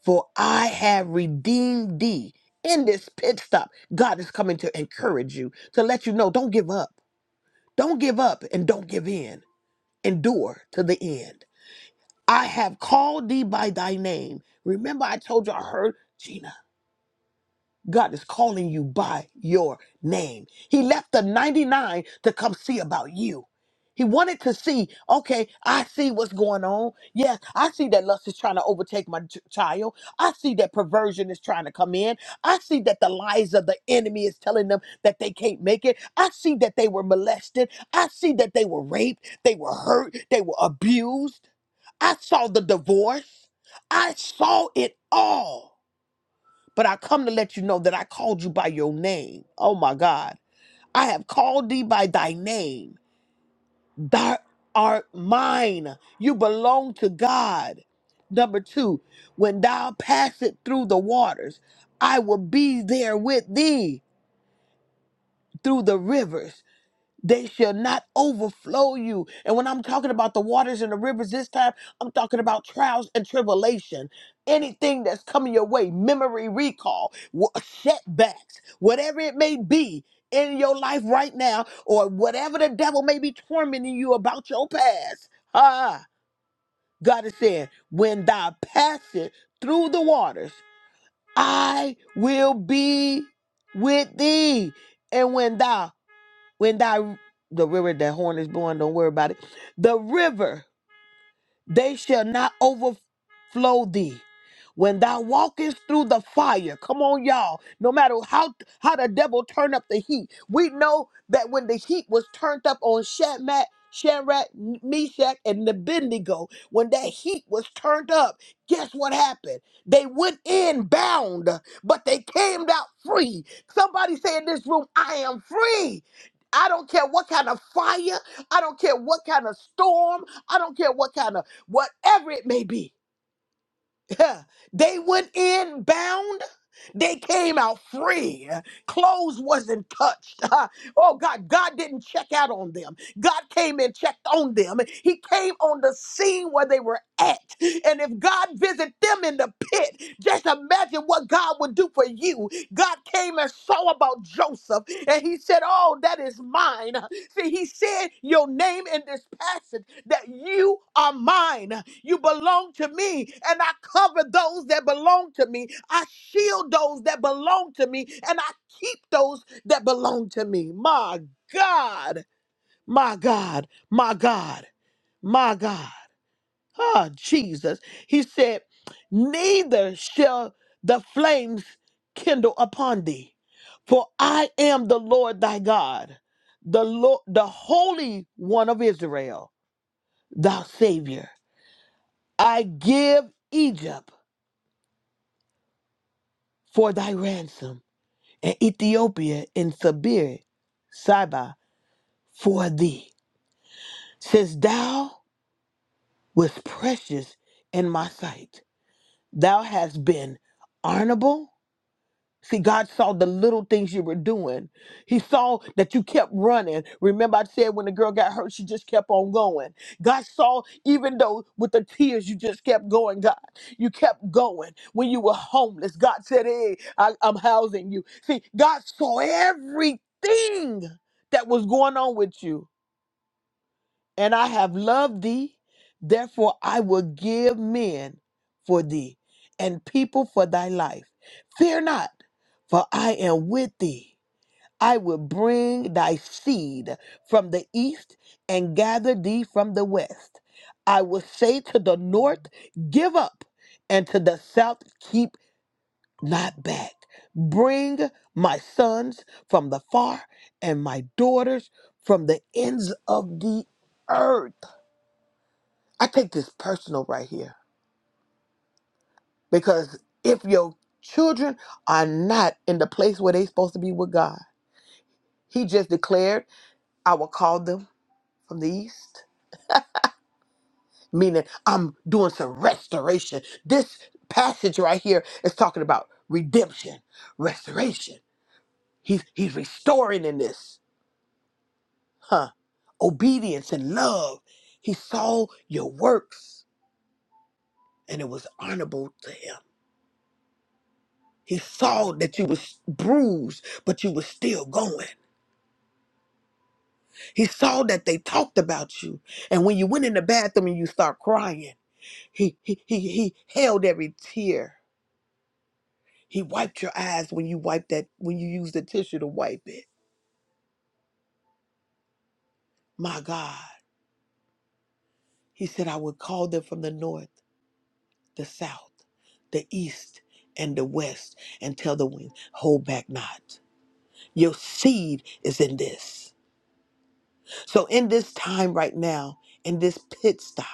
Speaker 2: for I have redeemed thee. In this pit stop, God is coming to encourage you, to let you know don't give up. Don't give up and don't give in. Endure to the end. I have called thee by thy name. Remember, I told you I heard Gina. God is calling you by your name. He left the 99 to come see about you. He wanted to see, okay, I see what's going on. Yes, I see that lust is trying to overtake my ch- child. I see that perversion is trying to come in. I see that the lies of the enemy is telling them that they can't make it. I see that they were molested. I see that they were raped. They were hurt. They were abused. I saw the divorce. I saw it all but I come to let you know that I called you by your name. Oh my God. I have called thee by thy name. Thou art mine. You belong to God. Number two, when thou passest through the waters, I will be there with thee through the rivers. They shall not overflow you. And when I'm talking about the waters and the rivers this time, I'm talking about trials and tribulation. Anything that's coming your way, memory recall, wa- setbacks, whatever it may be in your life right now, or whatever the devil may be tormenting you about your past. Ah, God is saying, when thou passest through the waters, I will be with thee. And when thou when thy the river that horn is born, don't worry about it. The river they shall not overflow thee. When thou walkest through the fire, come on, y'all. No matter how how the devil turn up the heat, we know that when the heat was turned up on Shadrach, Shadrach, Meshach, and Abednego, when that heat was turned up, guess what happened? They went in bound, but they came out free. Somebody say in this room, "I am free." I don't care what kind of fire. I don't care what kind of storm. I don't care what kind of whatever it may be. they went in bound. They came out free. Clothes wasn't touched. oh God, God didn't check out on them. God came and checked on them. He came on the scene where they were at. And if God visit them in the pit, just imagine what God would do for you. God came and saw about Joseph and he said, Oh, that is mine. See, he said your name in this passage that you are mine. You belong to me, and I cover those that belong to me. I shield those that belong to me, and I keep those that belong to me. My God, my God, my God, my God. Ah, Jesus. He said, Neither shall the flames kindle upon thee, for I am the Lord thy God, the Lord, the Holy One of Israel, thy Savior. I give Egypt for thy ransom, and Ethiopia and Sabir, Saba for thee. Since thou wast precious in my sight, thou hast been honorable See, God saw the little things you were doing. He saw that you kept running. Remember, I said when the girl got hurt, she just kept on going. God saw, even though with the tears, you just kept going, God. You kept going. When you were homeless, God said, Hey, I, I'm housing you. See, God saw everything that was going on with you and I have loved thee. Therefore, I will give men for thee and people for thy life. Fear not, for I am with thee. I will bring thy seed from the east and gather thee from the west. I will say to the north, Give up, and to the south, Keep not back. Bring my sons from the far and my daughters from the ends of the earth I take this personal right here because if your children are not in the place where they're supposed to be with God, He just declared, I will call them from the east, meaning I'm doing some restoration. This passage right here is talking about redemption, restoration. He's, he's restoring in this, huh? Obedience and love. He saw your works and it was honorable to Him. He saw that you was bruised, but you was still going. He saw that they talked about you. And when you went in the bathroom and you start crying, he he he, he held every tear. He wiped your eyes when you wiped that when you used the tissue to wipe it. My God. He said, I would call them from the north, the south, the east, and the west, and tell the wind, hold back not. Your seed is in this. So in this time right now, in this pit stop.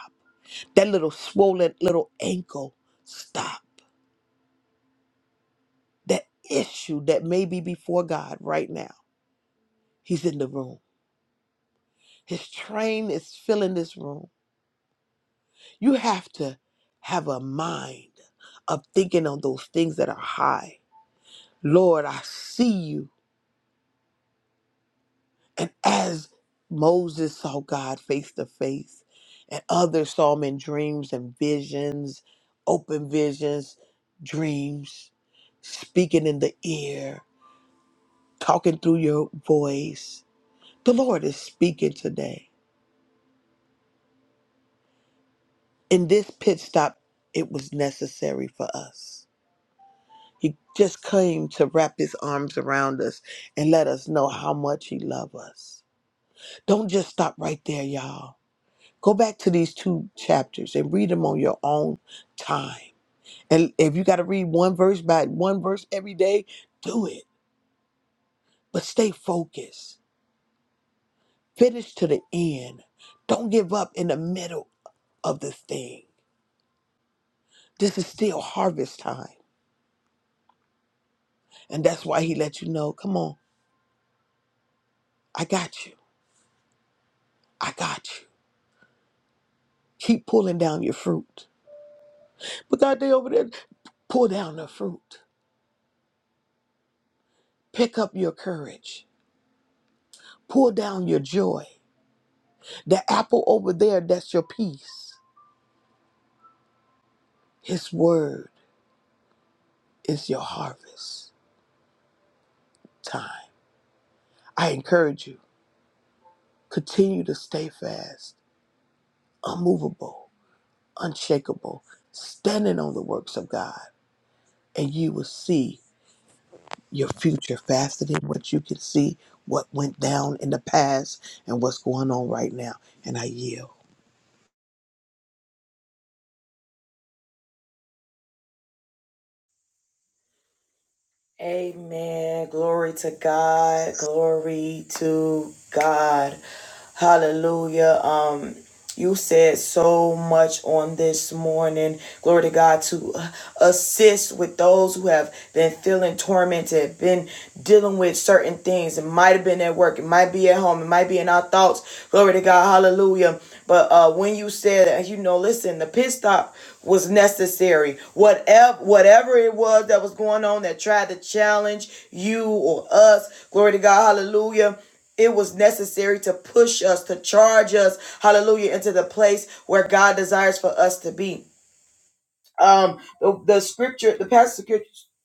Speaker 2: that little swollen little ankle stop that issue that may be before god right now he's in the room his train is filling this room you have to have a mind of thinking on those things that are high lord i see you and as moses saw god face to face and others saw him in dreams and visions open visions dreams speaking in the ear talking through your voice. The Lord is speaking today. In this pit stop, it was necessary for us. He just came to wrap his arms around us and let us know how much he loves us. Don't just stop right there, y'all. Go back to these two chapters and read them on your own time. And if you got to read one verse by one verse every day, do it. But stay focused. Finish to the end. Don't give up in the middle of the thing This is still harvest time. And that's why he let you know, come on, I got you. I got you. Keep pulling down your fruit. But God, they over there, pull down the fruit. Pick up your courage. Pull down your joy. The apple over there, that's your peace. His word is your harvest time. I encourage you, continue to stay fast, unmovable, unshakable, standing on the works of God, and you will see your future faster than what you can see, what went down in the past, and what's going on right now. And I yield.
Speaker 1: Amen. Glory to God. Glory to God. Hallelujah. Um, you said so much on this morning. Glory to God to uh, assist with those who have been feeling tormented, been dealing with certain things. It might have been at work, it might be at home, it might be in our thoughts. Glory to God. Hallelujah. But uh, when you said, uh, you know, listen, the pit stop was necessary. Whatever, whatever it was that was going on that tried to challenge you or us, glory to God, hallelujah. It was necessary to push us, to charge us, hallelujah, into the place where God desires for us to be um the, the scripture the passage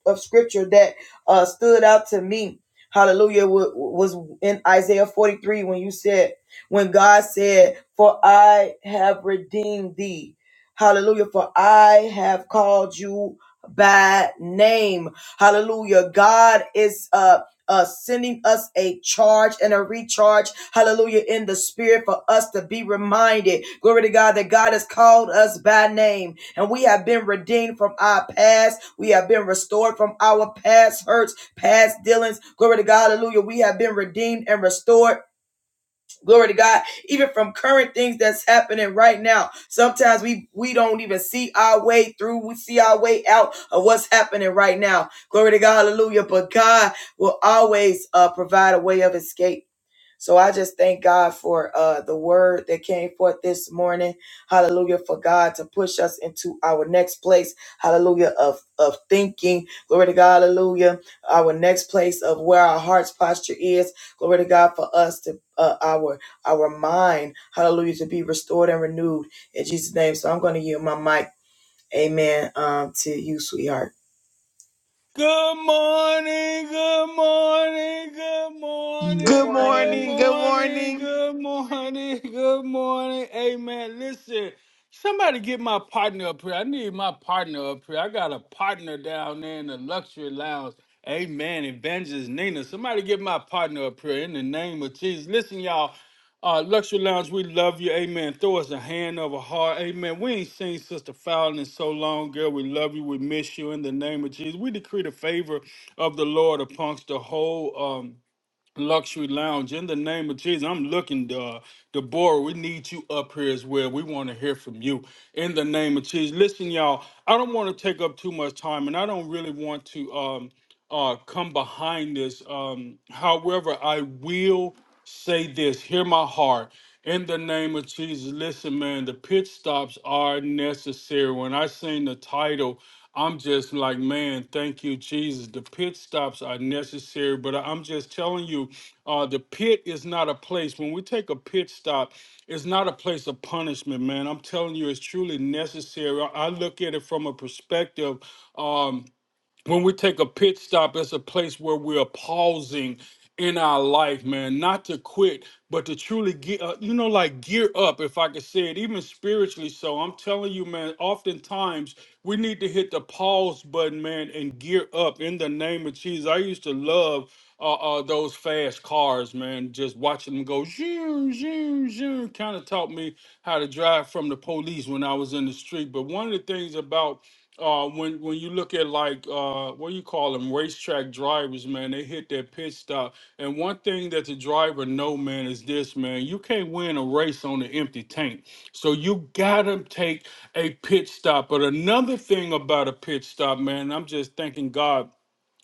Speaker 1: of scripture that uh stood out to me hallelujah was in isaiah 43 when you said when god said for i have redeemed thee hallelujah for i have called you by name hallelujah god is uh uh, sending us a charge and a recharge, hallelujah, in the spirit for us to be reminded, glory to God, that God has called us by name. And we have been redeemed from our past. We have been restored from our past hurts, past dealings. Glory to God. Hallelujah. We have been redeemed and restored. Glory to God. Even from current things that's happening right now. Sometimes we, we don't even see our way through. We see our way out of what's happening right now. Glory to God. Hallelujah. But God will always uh, provide a way of escape. So I just thank God for uh, the word that came forth this morning. Hallelujah. For God to push us into our next place. Hallelujah. Of, of thinking. Glory to God. Hallelujah. Our next place of where our heart's posture is. Glory to God for us to, uh, our, our mind. Hallelujah. To be restored and renewed in Jesus' name. So I'm going to yield my mic. Amen. Um, to you, sweetheart.
Speaker 3: Good morning, good morning, good
Speaker 1: Good
Speaker 2: Good
Speaker 3: morning,
Speaker 1: morning.
Speaker 3: good
Speaker 2: morning. Good
Speaker 3: morning,
Speaker 2: morning.
Speaker 3: good morning, good morning. Amen. Listen, somebody get my partner up here. I need my partner up here. I got a partner down there in the luxury lounge. Amen. Evangelist Nina. Somebody get my partner up here in the name of Jesus. Listen, y'all. Uh, Luxury Lounge, we love you. Amen. Throw us a hand of a heart. Amen. We ain't seen Sister Fallon in so long, girl. We love you. We miss you in the name of Jesus. We decree the favor of the Lord amongst the whole um, Luxury Lounge in the name of Jesus. I'm looking, uh, Deborah. We need you up here as well. We want to hear from you in the name of Jesus. Listen, y'all, I don't want to take up too much time, and I don't really want to. Um, uh, come behind this. Um, however, I will say this hear my heart. In the name of Jesus, listen, man, the pit stops are necessary. When I seen the title, I'm just like, man, thank you, Jesus. The pit stops are necessary. But I'm just telling you, uh, the pit is not a place. When we take a pit stop, it's not a place of punishment, man. I'm telling you, it's truly necessary. I I look at it from a perspective. Um, when we take a pit stop, it's a place where we are pausing in our life, man, not to quit, but to truly get, uh, you know, like gear up, if I could say it, even spiritually. So I'm telling you, man, oftentimes we need to hit the pause button, man, and gear up in the name of Jesus. I used to love. Uh, uh, those fast cars, man, just watching them go zoom, zoom, zoom, kind of taught me how to drive from the police when I was in the street. But one of the things about uh, when when you look at like uh, what do you call them racetrack drivers, man, they hit their pit stop. And one thing that the driver know, man, is this, man, you can't win a race on an empty tank. So you gotta take a pit stop. But another thing about a pit stop, man, I'm just thanking God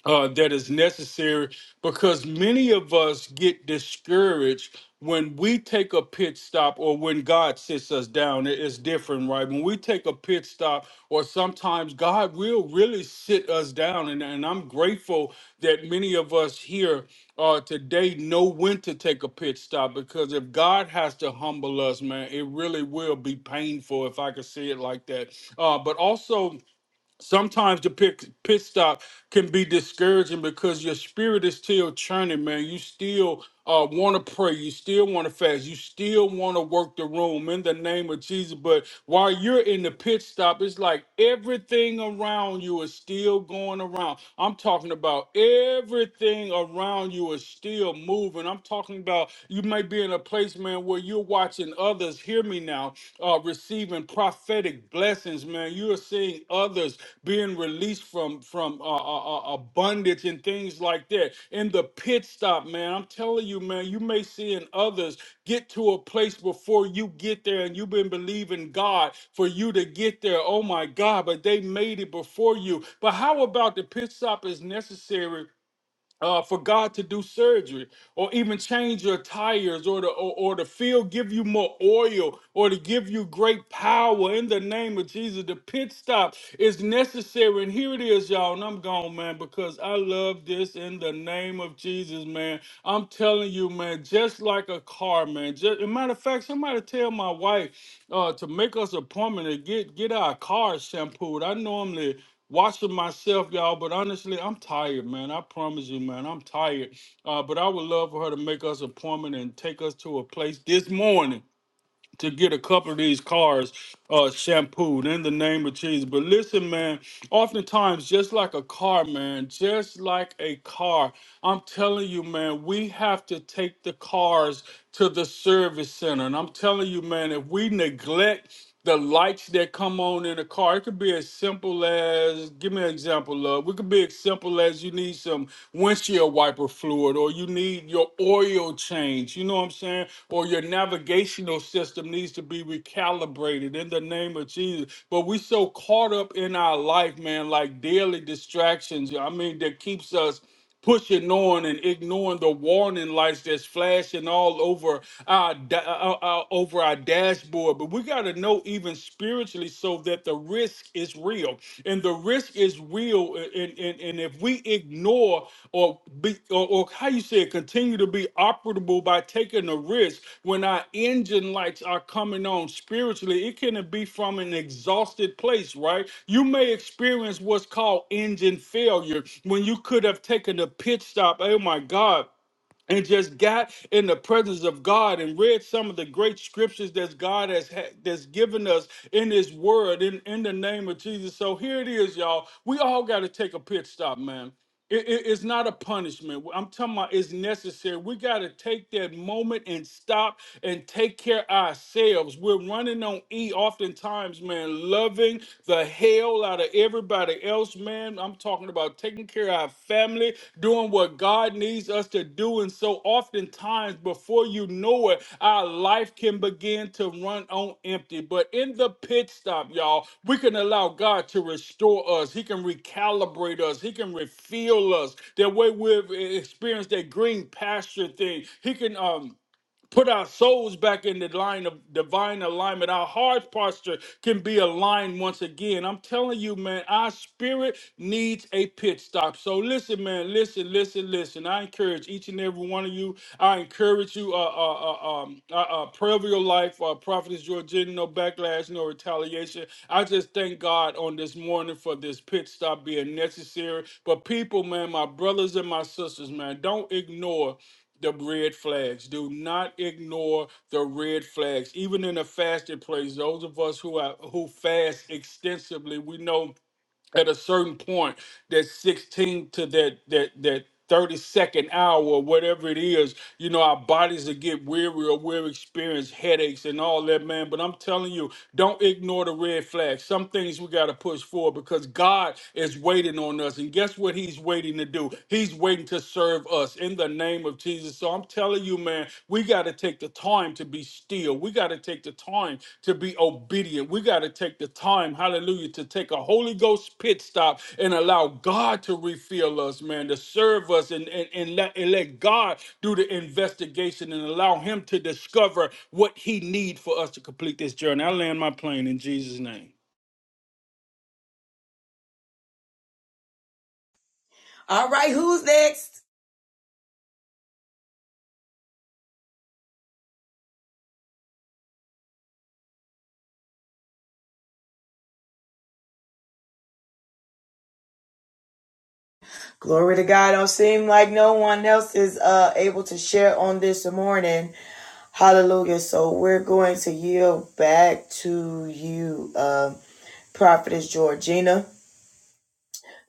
Speaker 3: uh, that is necessary because many of us get discouraged when we take a pit stop or when God sits us down. It- It's different, right? When we take a pit stop, or sometimes God will really sit us down. And, and I'm grateful that many of us here uh, today know when to take a pit stop because if God has to humble us, man, it really will be painful if I could say it like that. Uh, but also, sometimes the pit, pit stop can be discouraging because your spirit is still churning, man. You still uh, want to pray. You still want to fast. You still want to work the room in the name of Jesus. But while you're in the pit stop, it's like everything around you is still going around. I'm talking about everything everything around you is still moving. I'm talking about you may be in a place, man, where you're watching others, hear me now, uh, receiving prophetic blessings, man. You're seeing others being released from from uh, uh, uh, abundance and things like that. In the pit stop, man, I'm telling you, man, you may see in others get to a place before you get there and you've been believing God for you to get there. Oh my God, but they made it before you. But how about the pit stop is necessary? uh, for God to do surgery or even change your tires or to or, or to feel give you more oil or to give you great power in the name of Jesus. The pit stop is necessary. And here it is, y'all. And I'm gone, man, because I love this in the name of Jesus, man. I'm telling you, man, just like a car, man. Just as a matter of fact, somebody tell my wife uh, to make us an appointment to get get our car shampooed. I normally watching myself, y'all. But honestly, I'm tired, man. I promise you, man, I'm tired. Uh, but I would love for her to make us an appointment and take us to a place this morning to get a couple of these cars uh, shampooed in the name of Jesus. But listen, man, oftentimes, just like a car, man, just like a car, I'm telling you, man, we have to take the cars to the service center. And I'm telling you, man, if we neglect the lights that come on in a car. It could be as simple as give me an example, love. It could be as simple as you need some windshield wiper fluid or you need your oil change, you know what I'm saying? Or your navigational system needs to be recalibrated in the name of Jesus. But we so caught up in our life, man, like daily distractions. I mean, that keeps us pushing on and ignoring the warning lights that's flashing all over our, da- uh, uh, uh, over our dashboard but we got to know even spiritually so that the risk is real and the risk is real and, and, and if we ignore or be, or, or how you say it, continue to be operable by taking a risk when our engine lights are coming on spiritually it can be from an exhausted place right you may experience what's called engine failure when you could have taken a pit stop oh my god and just got in the presence of God and read some of the great scriptures that God has ha- that's given us in His Word in in the name of Jesus. So here it is, y'all. We all got to take a pit stop, man. It, it- it's not a punishment. I'm talking about it's necessary. We got to take that moment and stop and take care of ourselves. We're running on E oftentimes, man, loving the head hell out of everybody else, man. I'm talking about taking care of our family, doing what God needs us to do. And so oftentimes, before you know it, our life can begin to run on empty. But in the pit stop, y'all, we can allow God to restore us. He can recalibrate us. He can refill us. That way we've experienced that green pasture thing. He can um put our souls back in the line of divine alignment. Our heart posture can be aligned once again. I'm telling you, man, our spirit needs a pit stop. So listen, man, listen, listen, listen. I encourage each and every one of you. I encourage you, uh, uh, uh, um, uh, uh, prayer of your life, uh, prophetess Georgina, no backlash, no retaliation. I just thank God on this morning for this pit stop being necessary. But people, man, my brothers and my sisters, man, don't ignore the red flags. Do not ignore the red flags. Even in a fasted place, those of us who are who fast extensively, we know at a certain point that 16 to that that that 30 second hour or whatever it is you know our bodies will get weary or we'll experience headaches and all that man but i'm telling you don't ignore the red flags some things we got to push forward because god is waiting on us and guess what he's waiting to do he's waiting to serve us in the name of jesus so i'm telling telling you, man, we got to take the time to be still. We got to take the time to be obedient. We got to take the time, hallelujah, to take a Holy Ghost pit stop and allow God to refill us, man, to serve us and, and, and, let, and let God do the investigation and allow Him to discover what He needs for us to complete this journey. I land my plane in Jesus' name.
Speaker 1: All right. Who's next? Glory to God. Don't seem like no one else is uh, able to share on this morning. Hallelujah. So we're going to yield back to you, um, Prophetess Georgina,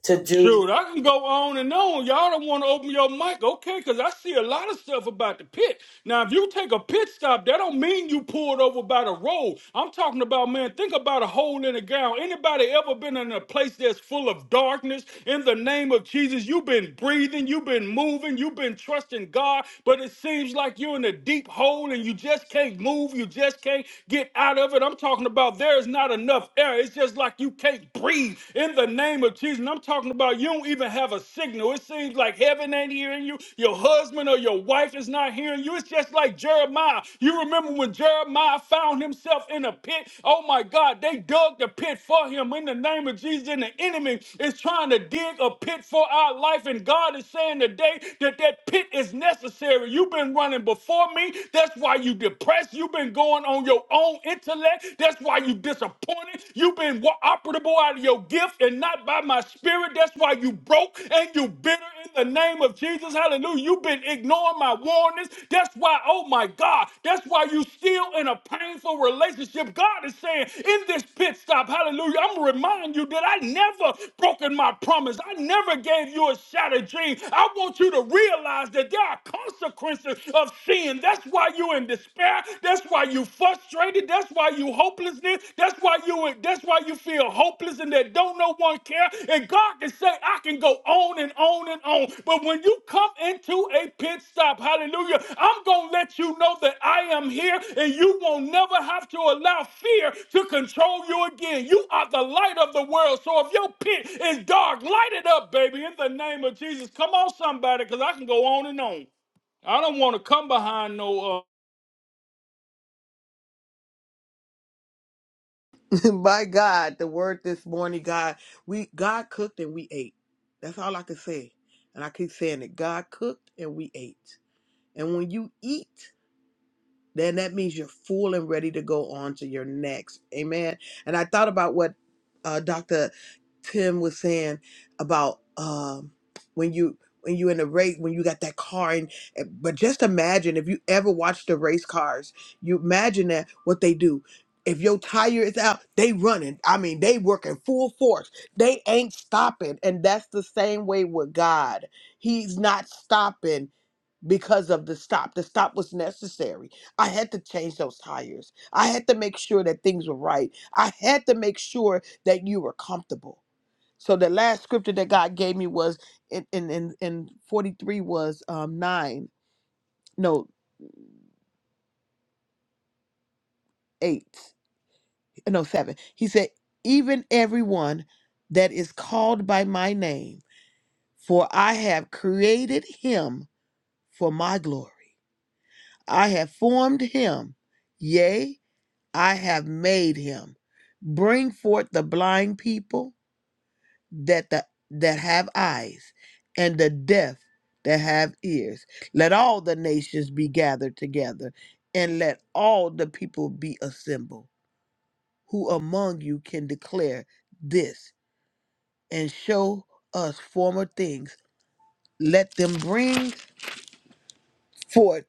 Speaker 1: to do.
Speaker 3: Shoot, I can go on and on. Y'all don't want to open your mic, okay? Because I see a lot of stuff about the pit. Now, if you take a pit stop, that don't mean you pulled over by the road. I'm talking about, man, think about a hole in a gown. Anybody ever been in a place that's full of darkness? In the name of Jesus, you've been breathing, you've been moving, you've been trusting God, but it seems like you're in a deep hole and you just can't move, you just can't get out of it. I'm talking about there's not enough air. It's just like you can't breathe in the name of Jesus. And I'm talking about you don't even have a signal. It seems like heaven ain't hearing you. Your husband or your wife is not hearing you. It's just like Jeremiah. You remember when Jeremiah found himself in a pit? Oh my God, they dug the pit for him in the name of Jesus. And the enemy is trying to dig a pit for our life. And God is saying today that that pit is necessary. You've been running before me. That's why you depressed. You've been going on your own intellect intellect. That's why you disappointed. You've been wa- operable out of your gift and not by my spirit. That's why you broke and you bitter in the name of Jesus. Hallelujah. You've been ignoring my warnings. That's why, oh my God, that's why you still in a painful relationship. God is saying in this pit stop, hallelujah, I'm going to remind you that I never broken my promise. I never gave you a shattered dream. I want you to realize that there are consequences of sin. That's why you in despair. That's why you frustrated. That's why you hopelessness. That's why you that's why you feel hopeless and that don't no one care. And God can say, I can go on and on and on. But when you come into a pit stop, hallelujah, I'm gonna let you know that I am here and you won't never have to allow fear to control you again. You are the light of the world. So if your pit is dark, light it up, baby, in the name of Jesus. Come on, somebody, because I can go on and on. I don't want to come behind no uh,
Speaker 2: My God, the word this morning, God, we God cooked and we ate. That's all I can say. And I keep saying it. God cooked and we ate. And when you eat, then that means you're full and ready to go on to your next. Amen. And I thought about what uh, Dr. Tim was saying about um, when you when you in a race when you got that car and and- but just imagine if you ever watch the race cars, you imagine that what they do. If your tire is out, they running. I mean, they working full force. They ain't stopping. And that's the same way with God. He's not stopping because of the stop. The stop was necessary. I had to change those tires. I had to make sure that things were right. I had to make sure that you were comfortable. So the last scripture that God gave me was in in in, in 43 was um 9, no, 8, no, 7. He said, "Even everyone that is called by my name, for I have created him for my glory. I have formed him. Yea, I have made him. Bring forth the blind people that the, that have eyes, and the deaf that have ears. Let all the nations be gathered together, and let all the people be assembled. Who among you can declare this and show us former things? Let them bring forth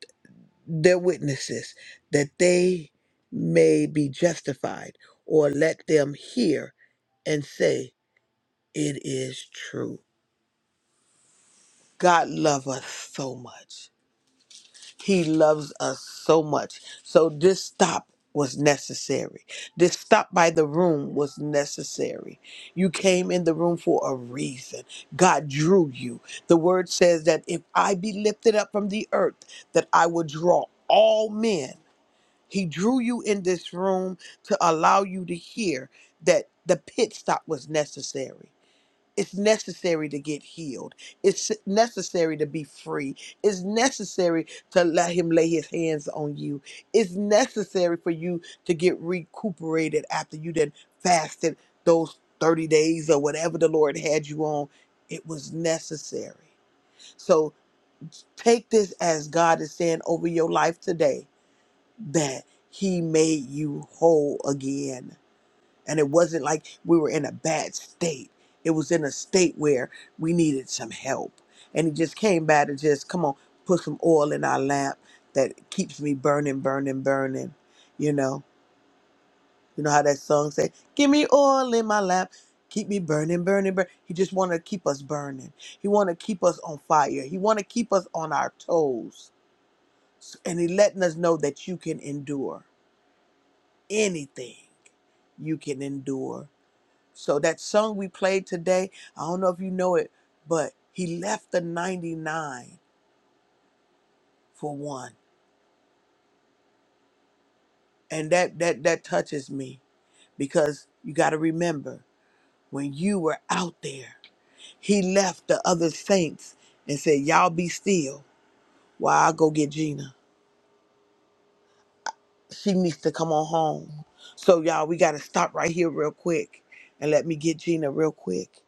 Speaker 2: their witnesses that they may be justified or let them hear and say it is true god loves us so much he loves us so much so this stop was necessary this stop by the room was necessary you came in the room for a reason god drew you the word says that if i be lifted up from the earth that i will draw all men He drew you in this room to allow you to hear that the pit stop was necessary. It's necessary to get healed. It's necessary to be free. It's necessary to let him lay his hands on you. It's necessary for you to get recuperated after you then fasted those 30 days or whatever the Lord had you on. It was necessary. So take this as God is saying over your life today that he made you whole again. And it wasn't like we were in a bad state. It was in a state where we needed some help. And he just came by to just, come on, put some oil in our lamp that keeps me burning, burning, burning. You know, you know how that song said, give me oil in my lamp. Keep me burning, burning, burning. He just want to keep us burning. He want to keep us on fire. He want to keep us on our toes. And he letting us know that you can endure anything you can endure. So that song we played today, I don't know if you know it, but he left the 99 for one. And that that that touches me because you got to remember when you were out there, he left the other saints and said, "Y'all be still while I go get Gina. She needs to come on home." So y'all, we got to stop right here real quick and let me get Gina real quick.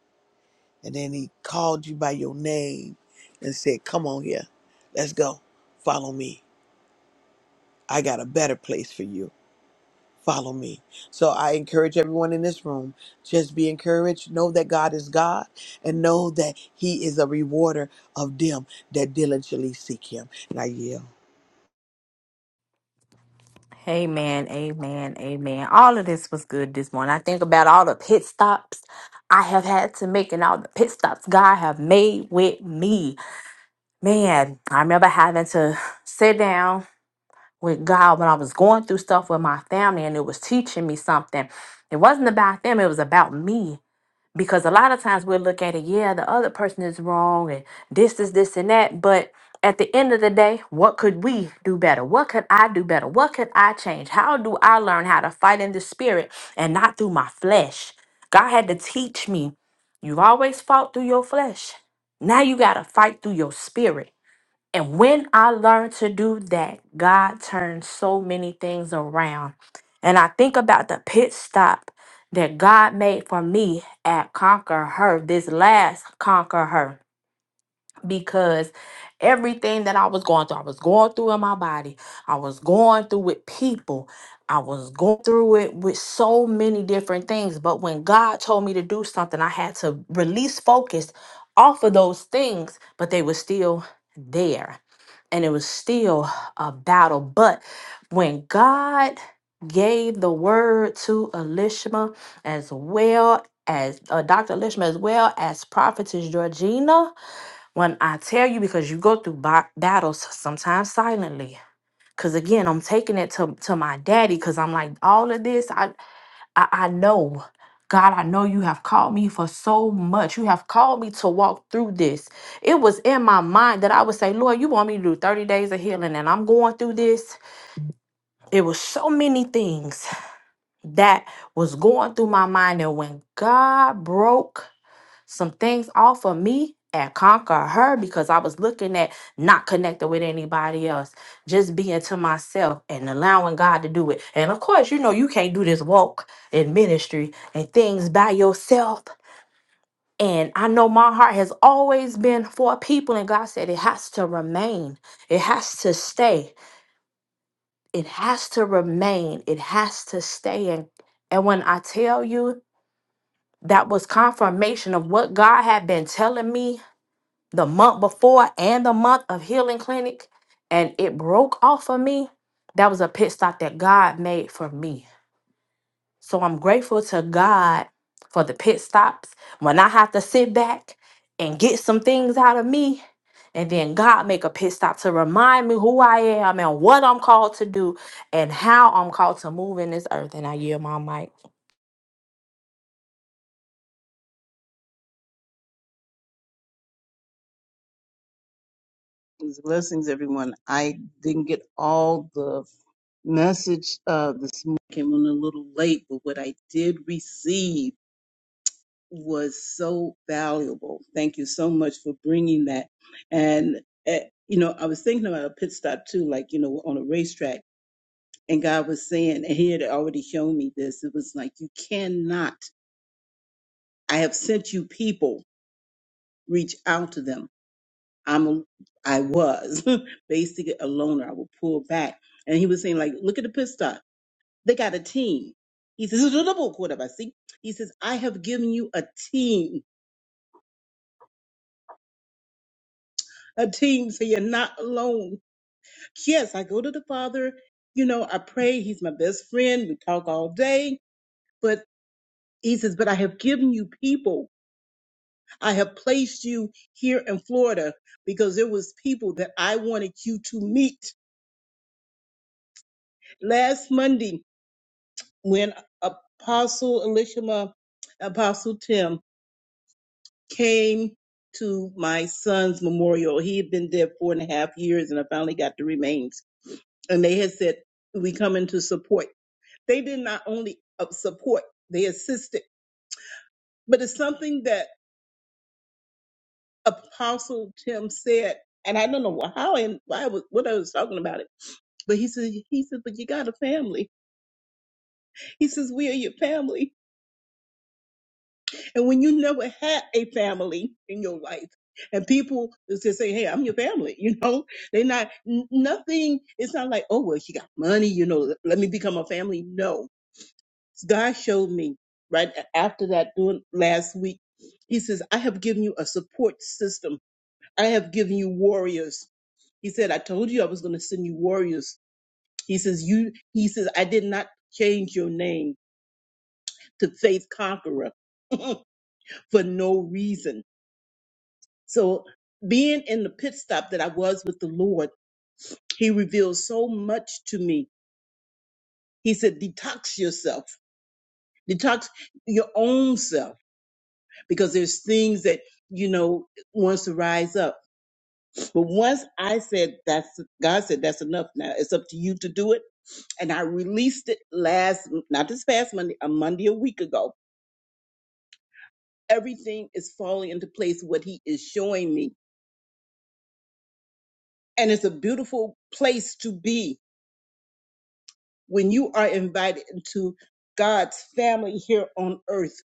Speaker 2: And then he called you by your name and said, Come on here. Let's go. Follow me. I got a better place for you. Follow me. So I encourage everyone in this room just be encouraged. Know that God is God and know that He is a rewarder of them that diligently seek Him. And I yield.
Speaker 4: Amen, amen, amen. All of this was good this morning. I think about all the pit stops I have had to make and all the pit stops God have made with me. Man, I remember having to sit down with God when I was going through stuff with my family and it was teaching me something. It wasn't about them, it was about me because a lot of times we'll look at it, yeah, the other person is wrong and this is this and that. But at the end of the day, what could we do better? What could I do better? What could I change? How do I learn how to fight in the spirit and not through my flesh? God had to teach me. You've always fought through your flesh. Now you got to fight through your spirit. And when I learned to do that, God turned so many things around. And I think about the pit stop that God made for me at Conquer Her, this last Conquer Her because everything that I was going through, I was going through in my body, I was going through with people, I was going through it with so many different things. But when God told me to do something, I had to release focus off of those things, but they were still there and it was still a battle. But when God gave the word to Elishma as well as uh, Dr. Elishma as well as Prophetess Georgina, when I tell you, because you go through ba- battles sometimes silently. Cause again, I'm taking it to, to my daddy. Cause I'm like, all of this, I, I I know, God, I know you have called me for so much. You have called me to walk through this. It was in my mind that I would say, Lord, you want me to do 30 days of healing, and I'm going through this. It was so many things that was going through my mind, and when God broke some things off of me and conquer her because I was looking at not connecting with anybody else, just being to myself and allowing God to do it. And of course, you know, you can't do this walk in ministry and things by yourself. And I know my heart has always been for people, and God said it has to remain, it has to stay, it has to remain, it has to stay. And, and when I tell you, that was confirmation of what God had been telling me the month before and the month of healing clinic and it broke off of me that was a pit stop that god made for me so i'm grateful to god for the pit stops when i have to sit back and get some things out of me and then god make a pit stop to remind me who i am and what i'm called to do and how i'm called to move in this earth and i yield my mic
Speaker 5: Blessings, blessings, everyone. I didn't get all the message uh, this morning. Came on a little late, but what I did receive was so valuable. Thank you so much for bringing that. And eh, you know, I was thinking about a pit stop too, like you know, on a racetrack. And God was saying, and He had already shown me this. It was like you cannot. I have sent you people. Reach out to them I'm a, I was basically a loner. I would pull back. And he was saying, like, look at the pit stop. They got a team. He says, "It's a double quarterback." See, he says, "I have given you a team, a team, so you're not alone." Yes, I go to the Father. You know, I pray. He's my best friend. We talk all day. But he says, "But I have given you people. I have placed you here in Florida because there was people that I wanted you to meet last Monday." when Apostle Elishama, Apostle Tim came to my son's memorial, he had been dead four and a half years, and I finally got the remains. And they had said, "We come in to support." They did not only uh, support; they assisted. But it's something that Apostle Tim said, and I don't know how and why I was what I was talking about it. But he said, he said, "But you got a family." He says, "We are your family." And when you never had a family in your life, and people just say, "Hey, I'm your family," you know, they're not n- nothing. It's not like, "Oh, well, she got money," you know. Let me become a family. No, God showed me right after that doing last week. He says, "I have given you a support system. I have given you warriors." He said, "I told you I was going to send you warriors." He says, "You." He says, "I did not change your name to Faith Conqueror." for no reason So being in the pit stop that I was with the Lord, He revealed so much to me. He said, detox yourself, detox your own self, because there's things that you know wants to rise up. But once I said that's God said that's enough now. It's up to you to do it. And I released it last not this past Monday, a Monday a week ago. Everything is falling into place what he is showing me. And it's a beautiful place to be when you are invited into God's family here on earth.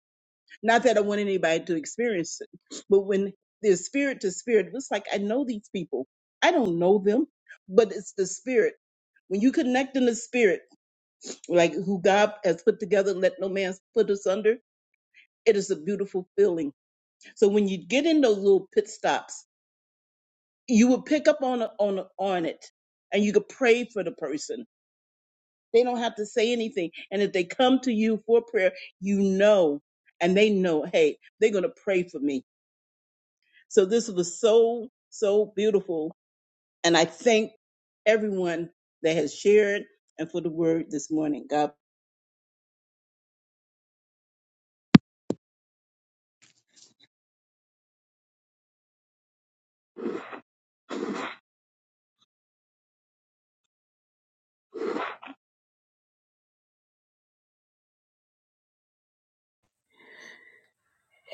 Speaker 5: Not that I want anybody to experience it, but when there's spirit to spirit, it's like I know these people. I don't know them, but it's the spirit. When you connect in the spirit, like who God has put together, let no man put us under, it is a beautiful feeling. So when you get in those little pit stops, you will pick up on on on it, and you could pray for the person They don't have to say anything. And if they come to you for prayer, you know, and they know, hey, they're going to pray for me. So this was so, so beautiful. And I thank everyone that has shared and for the word this morning. God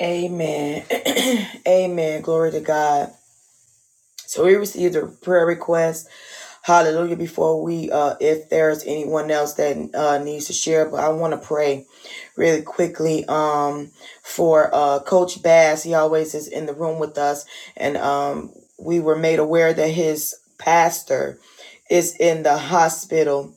Speaker 1: Amen. Amen. Glory to God. So we received a prayer request. Hallelujah. Before we, uh, if there's anyone else that uh, needs to share, but I want to pray really quickly um, for uh, Coach Bass. He always is in the room with us. And um, we were made aware that his pastor is in the hospital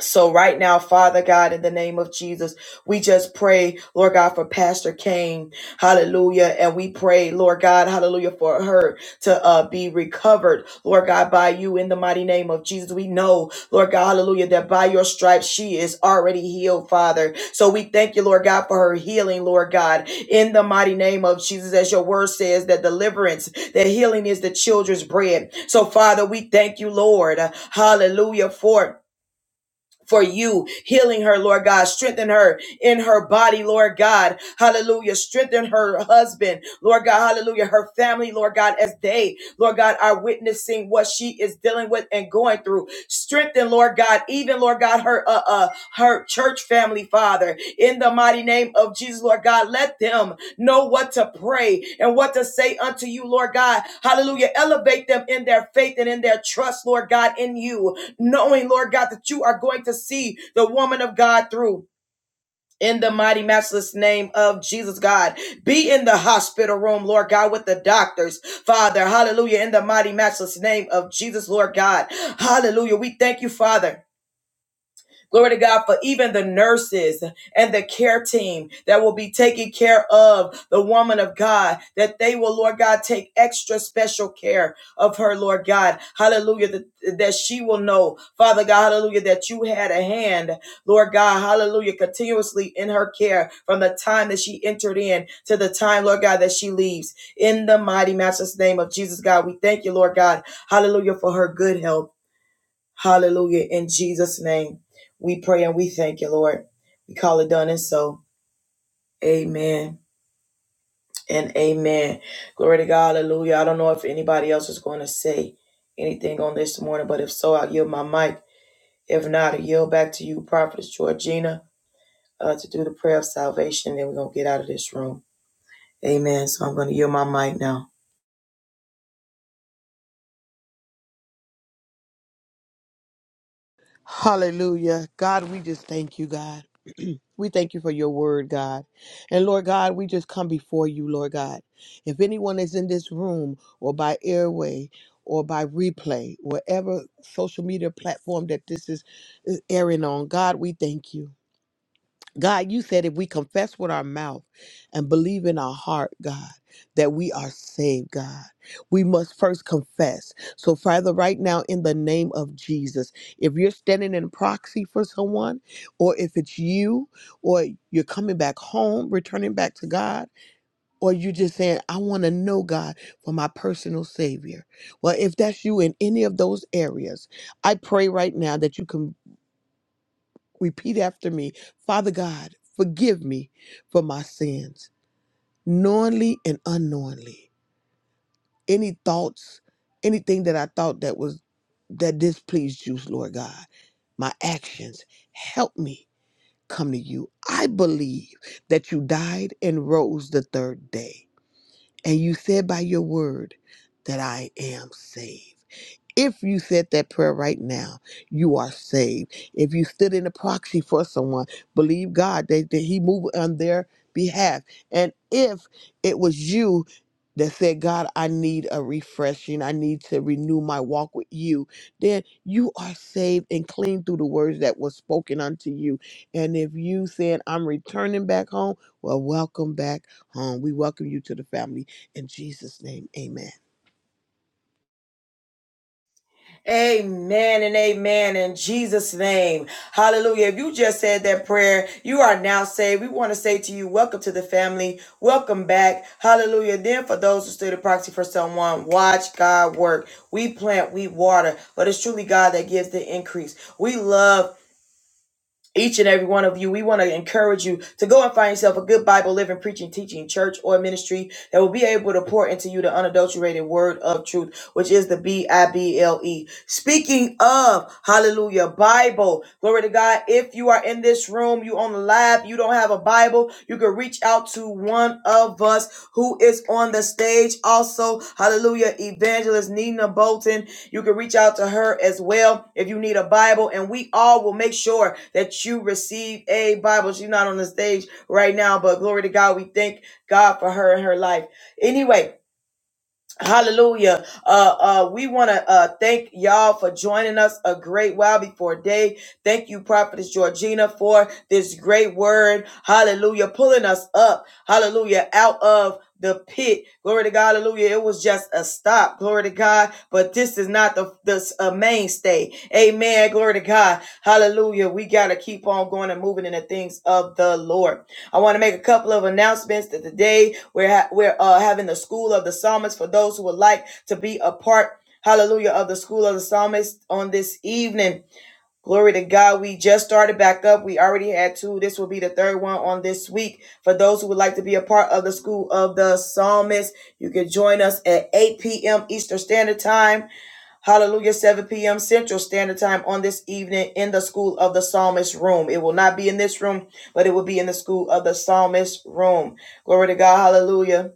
Speaker 1: so right now, Father God, in the name of Jesus, we just pray, Lord God, for Pastor Kane, Hallelujah, and we pray, Lord God, Hallelujah, for her to uh, be recovered, Lord God, by you in the mighty name of Jesus. We know, Lord God, Hallelujah, that by your stripes she is already healed, Father. So we thank you, Lord God, for her healing, Lord God, in the mighty name of Jesus, as your word says that deliverance, that healing is the children's bread. So Father, we thank you, Lord, Hallelujah, for for you healing her, Lord God. Strengthen her in her body, Lord God. Hallelujah. Strengthen her husband, Lord God. Hallelujah. Her family, Lord God, as they, Lord God, are witnessing what she is dealing with and going through. Strengthen, Lord God, even Lord God, her uh, uh her church family, Father, in the mighty name of Jesus, Lord God. Let them know what to pray and what to say unto you, Lord God. Hallelujah. Elevate them in their faith and in their trust, Lord God, in you knowing, Lord God, that you are going to see the woman of God through. In the mighty, matchless name of Jesus, God. Be in the hospital room, Lord God, with the doctors, Father. Hallelujah. In the mighty, matchless name of Jesus, Lord God. Hallelujah. We thank you, Father. Glory to God for even the nurses and the care team that will be taking care of the woman of God, that they will, Lord God, take extra special care of her, Lord God. Hallelujah. That, that she will know, Father God, hallelujah, that you had a hand, Lord God, hallelujah, continuously in her care from the time that she entered in to the time, Lord God, that she leaves. In the mighty master's name of Jesus, God, we thank you, Lord God, hallelujah, for her good health. Hallelujah. In Jesus' name, we pray and we thank you, Lord. We call it done and so. Amen and amen. Glory to God. Hallelujah. I don't know if anybody else is going to say anything on this morning, but if so, I'll yield my mic. If not, I yield back to you, Prophetess Georgina, uh, to do the prayer of salvation. Then we're going to get out of this room. Amen. So I'm going to yield my mic now.
Speaker 2: Hallelujah. God, we just thank you, God. we thank you for your word, God. And Lord God, we just come before you, Lord God. If anyone is in this room or by airway or by replay, whatever social media platform that this is is airing on, God, we thank you. God, you said if we confess with our mouth and believe in our heart, God, that we are saved, God, we must first confess. So, Father, right now, in the name of Jesus, if you're standing in proxy for someone, or if it's you, or you're coming back home, returning back to God, or you're just saying, I want to know God for my personal Savior. Well, if that's you in any of those areas, I pray right now that you can repeat after me Father God, forgive me for my sins, knowingly and unknowingly. Any thoughts, anything that I thought that was that displeased you, Lord God, my actions, help me come to you. I believe that you died and rose the third day, and you said by your word that I am saved. If you said that prayer right now, you are saved. If you stood in a proxy for someone, believe God that, that He moved on their behalf. And if it was you that said, God, I need a refreshing, I need to renew my walk with you, then you are saved and clean through the words that were spoken unto you. And if you said, I'm returning back home, well, welcome back home. We welcome you to the family. In Jesus' name, amen.
Speaker 1: Amen and amen in Jesus' name. Hallelujah. If you just said that prayer, you are now saved. We want to say to you, welcome to the family. Welcome back. Hallelujah. Then for those who stood a proxy for someone, watch God work. We plant, we water, but it's truly God that gives the increase. We love each and every one of you. We want to encourage you to go and find yourself a good Bible living, preaching, teaching church or ministry that will be able to pour into you the unadulterated word of truth, which is the B I B L E. Speaking of, hallelujah, Bible, glory to God. If you are in this room, you on the live, you don't have a Bible, you can reach out to one of us who is on the stage. Also, hallelujah, evangelist Nina Bolton. You can reach out to her as well if you need a Bible, and we all will make sure that you receive a Bible. She's not on the stage right now, but glory to God, we thank God for her and her life. Anyway, Hallelujah. Uh, uh, we want to uh, thank y'all for joining us a great while before day. Thank you, Prophetess Georgina, for this great word. Hallelujah. Pulling us up. Hallelujah. Out of the pit. Glory to God. Hallelujah. It was just a stop. Glory to God. But this is not the, the uh, mainstay. Amen. Glory to God. Hallelujah. We got to keep on going and moving in the things of the Lord. I want to make a couple of announcements that today we're ha- we're uh, having the School of the Psalmist for those who would like to be a part, hallelujah, of the School of the Psalmist on this evening. Glory to God. We just started back up. We already had two. This will be the third one on this week. For those who would like to be a part of the School of the Psalmist, you can join us at 8 p.m. Eastern Standard Time. Hallelujah, 7 p.m. Central Standard Time on this evening in the School of the Psalmist room. It will not be in this room, but it will be in the School of the Psalmist room. Glory to God. Hallelujah.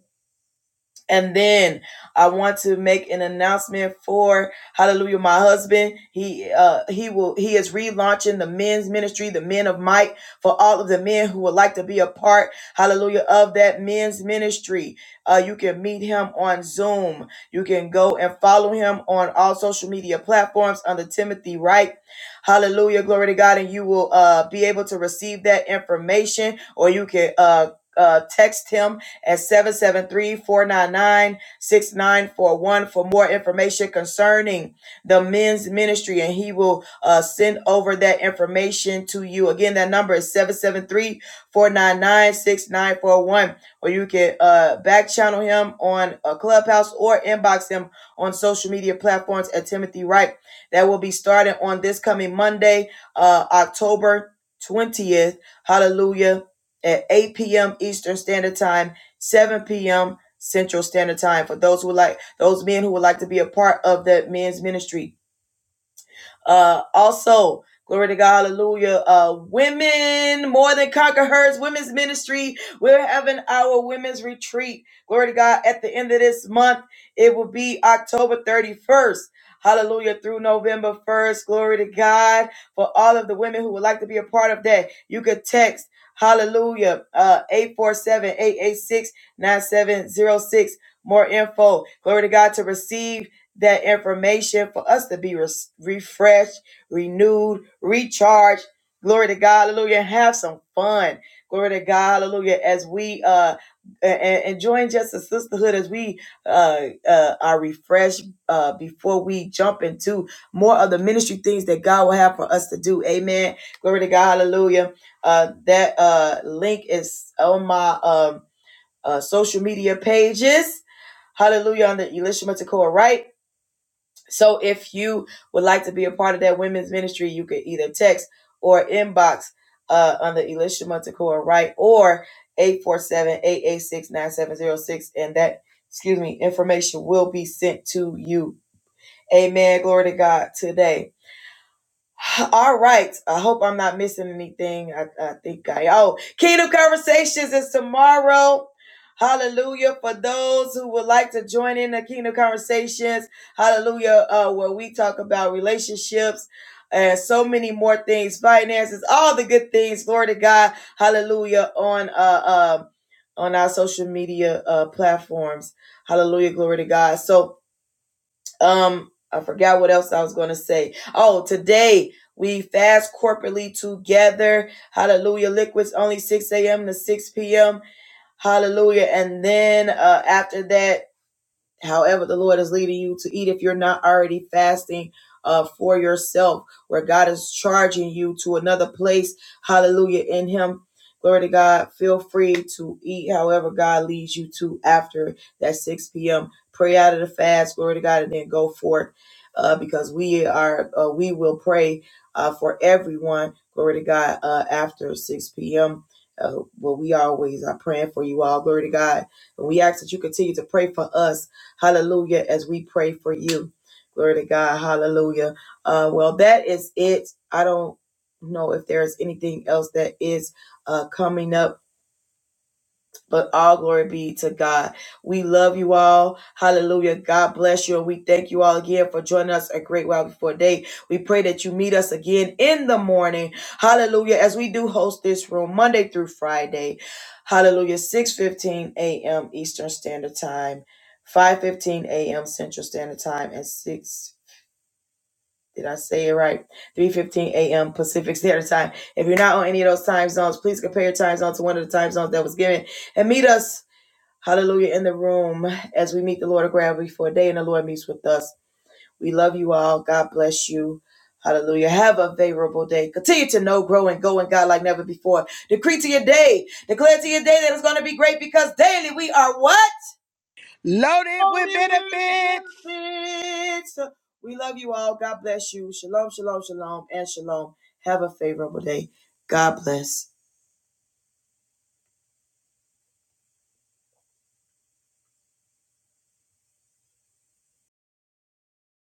Speaker 1: And then I want to make an announcement for Hallelujah, my husband. He uh he will he is relaunching the men's ministry, the men of might, for all of the men who would like to be a part, hallelujah, of that men's ministry. Uh you can meet him on Zoom. You can go and follow him on all social media platforms under Timothy Wright. Hallelujah, glory to God, and you will uh be able to receive that information, or you can uh uh text him at seven seven three four nine nine six nine four one for more information concerning the men's ministry and he will uh, send over that information to you again that number is seven seven three four nine nine six nine four one. or you can uh, back channel him on a clubhouse or inbox him on social media platforms at timothy wright that will be starting on this coming monday uh, october 20th hallelujah at 8 p.m eastern standard time 7 p.m. Central Standard Time. For those who would like, those men who would like to be a part of that men's ministry, uh, also, glory to God, hallelujah. Uh, women more than conquer herds, women's ministry. We're having our women's retreat. Glory to God. At the end of this month, it will be October 31st. Hallelujah through November 1st. Glory to God for all of the women who would like to be a part of that. You could text hallelujah uh 847 more info glory to god to receive that information for us to be res- refreshed, renewed, recharged. Glory to God, hallelujah. Have some fun. Glory to God, hallelujah. As we uh and enjoying just a sisterhood as we uh, uh are refreshed uh before we jump into more of the ministry things that God will have for us to do. Amen. Glory to God, hallelujah. Uh that uh link is on my um uh social media pages. Hallelujah on the Elisha Matakoa, right? So if you would like to be a part of that women's ministry, you could either text or inbox uh, under Elisha Montecor, right? Or eight four seven eight eight six nine seven zero six, And that, excuse me, information will be sent to you. Amen. Glory to God today. All right. I hope I'm not missing anything. I, I think I oh Kingdom Conversations is tomorrow. Hallelujah. For those who would like to join in the Kingdom Conversations, hallelujah, uh, where we talk about relationships and so many more things, finances, all the good things. Glory to God. Hallelujah. On uh, um, on our social media uh platforms. Hallelujah. Glory to God. So um, I forgot what else I was going to say. Oh, today we fast corporately together. Hallelujah. Liquids only 6 a.m. to 6 p.m. Hallelujah. And then uh, after that, however the Lord is leading you to eat if you're not already fasting uh, for yourself, where God is charging you to another place. Hallelujah. In Him. Glory to God. Feel free to eat however God leads you to after that 6 p.m. Pray out of the fast. Glory to God. And then go forth uh, because we are, uh, we will pray uh, for everyone. Glory to God. Uh, after 6 p.m. Uh, well, we always are praying for you all. Glory to God. And we ask that you continue to pray for us Hallelujah. As we pray for you. Glory to God. Hallelujah. Uh, well, that is it. I don't know if there's anything else that is uh, coming up but all glory be to God. We love you all. Hallelujah. God bless you. And we thank you all again for joining us a great while before day. We pray that you meet us again in the morning. Hallelujah. As we do host this room Monday through Friday. Hallelujah. 6:15 a.m. Eastern Standard Time, 5:15 a.m. Central Standard Time, and 6 did I say it right? 3:15 a.m. Pacific Standard Time. If you're not on any of those time zones, please compare your time zone to one of the time zones that was given and meet us Hallelujah in the room as we meet the Lord of gravity for a day and the Lord meets with us. We love you all. God bless you. Hallelujah. Have a favorable day. Continue to know, grow, and go in God like never before. Decree to your day. Declare to your day that it's going to be great because daily we are what?
Speaker 2: Loaded with
Speaker 1: Only with
Speaker 2: benefits.
Speaker 1: benefits. We love you all. God bless you. Shalom, shalom, shalom, and shalom. Have a favorable day. God bless.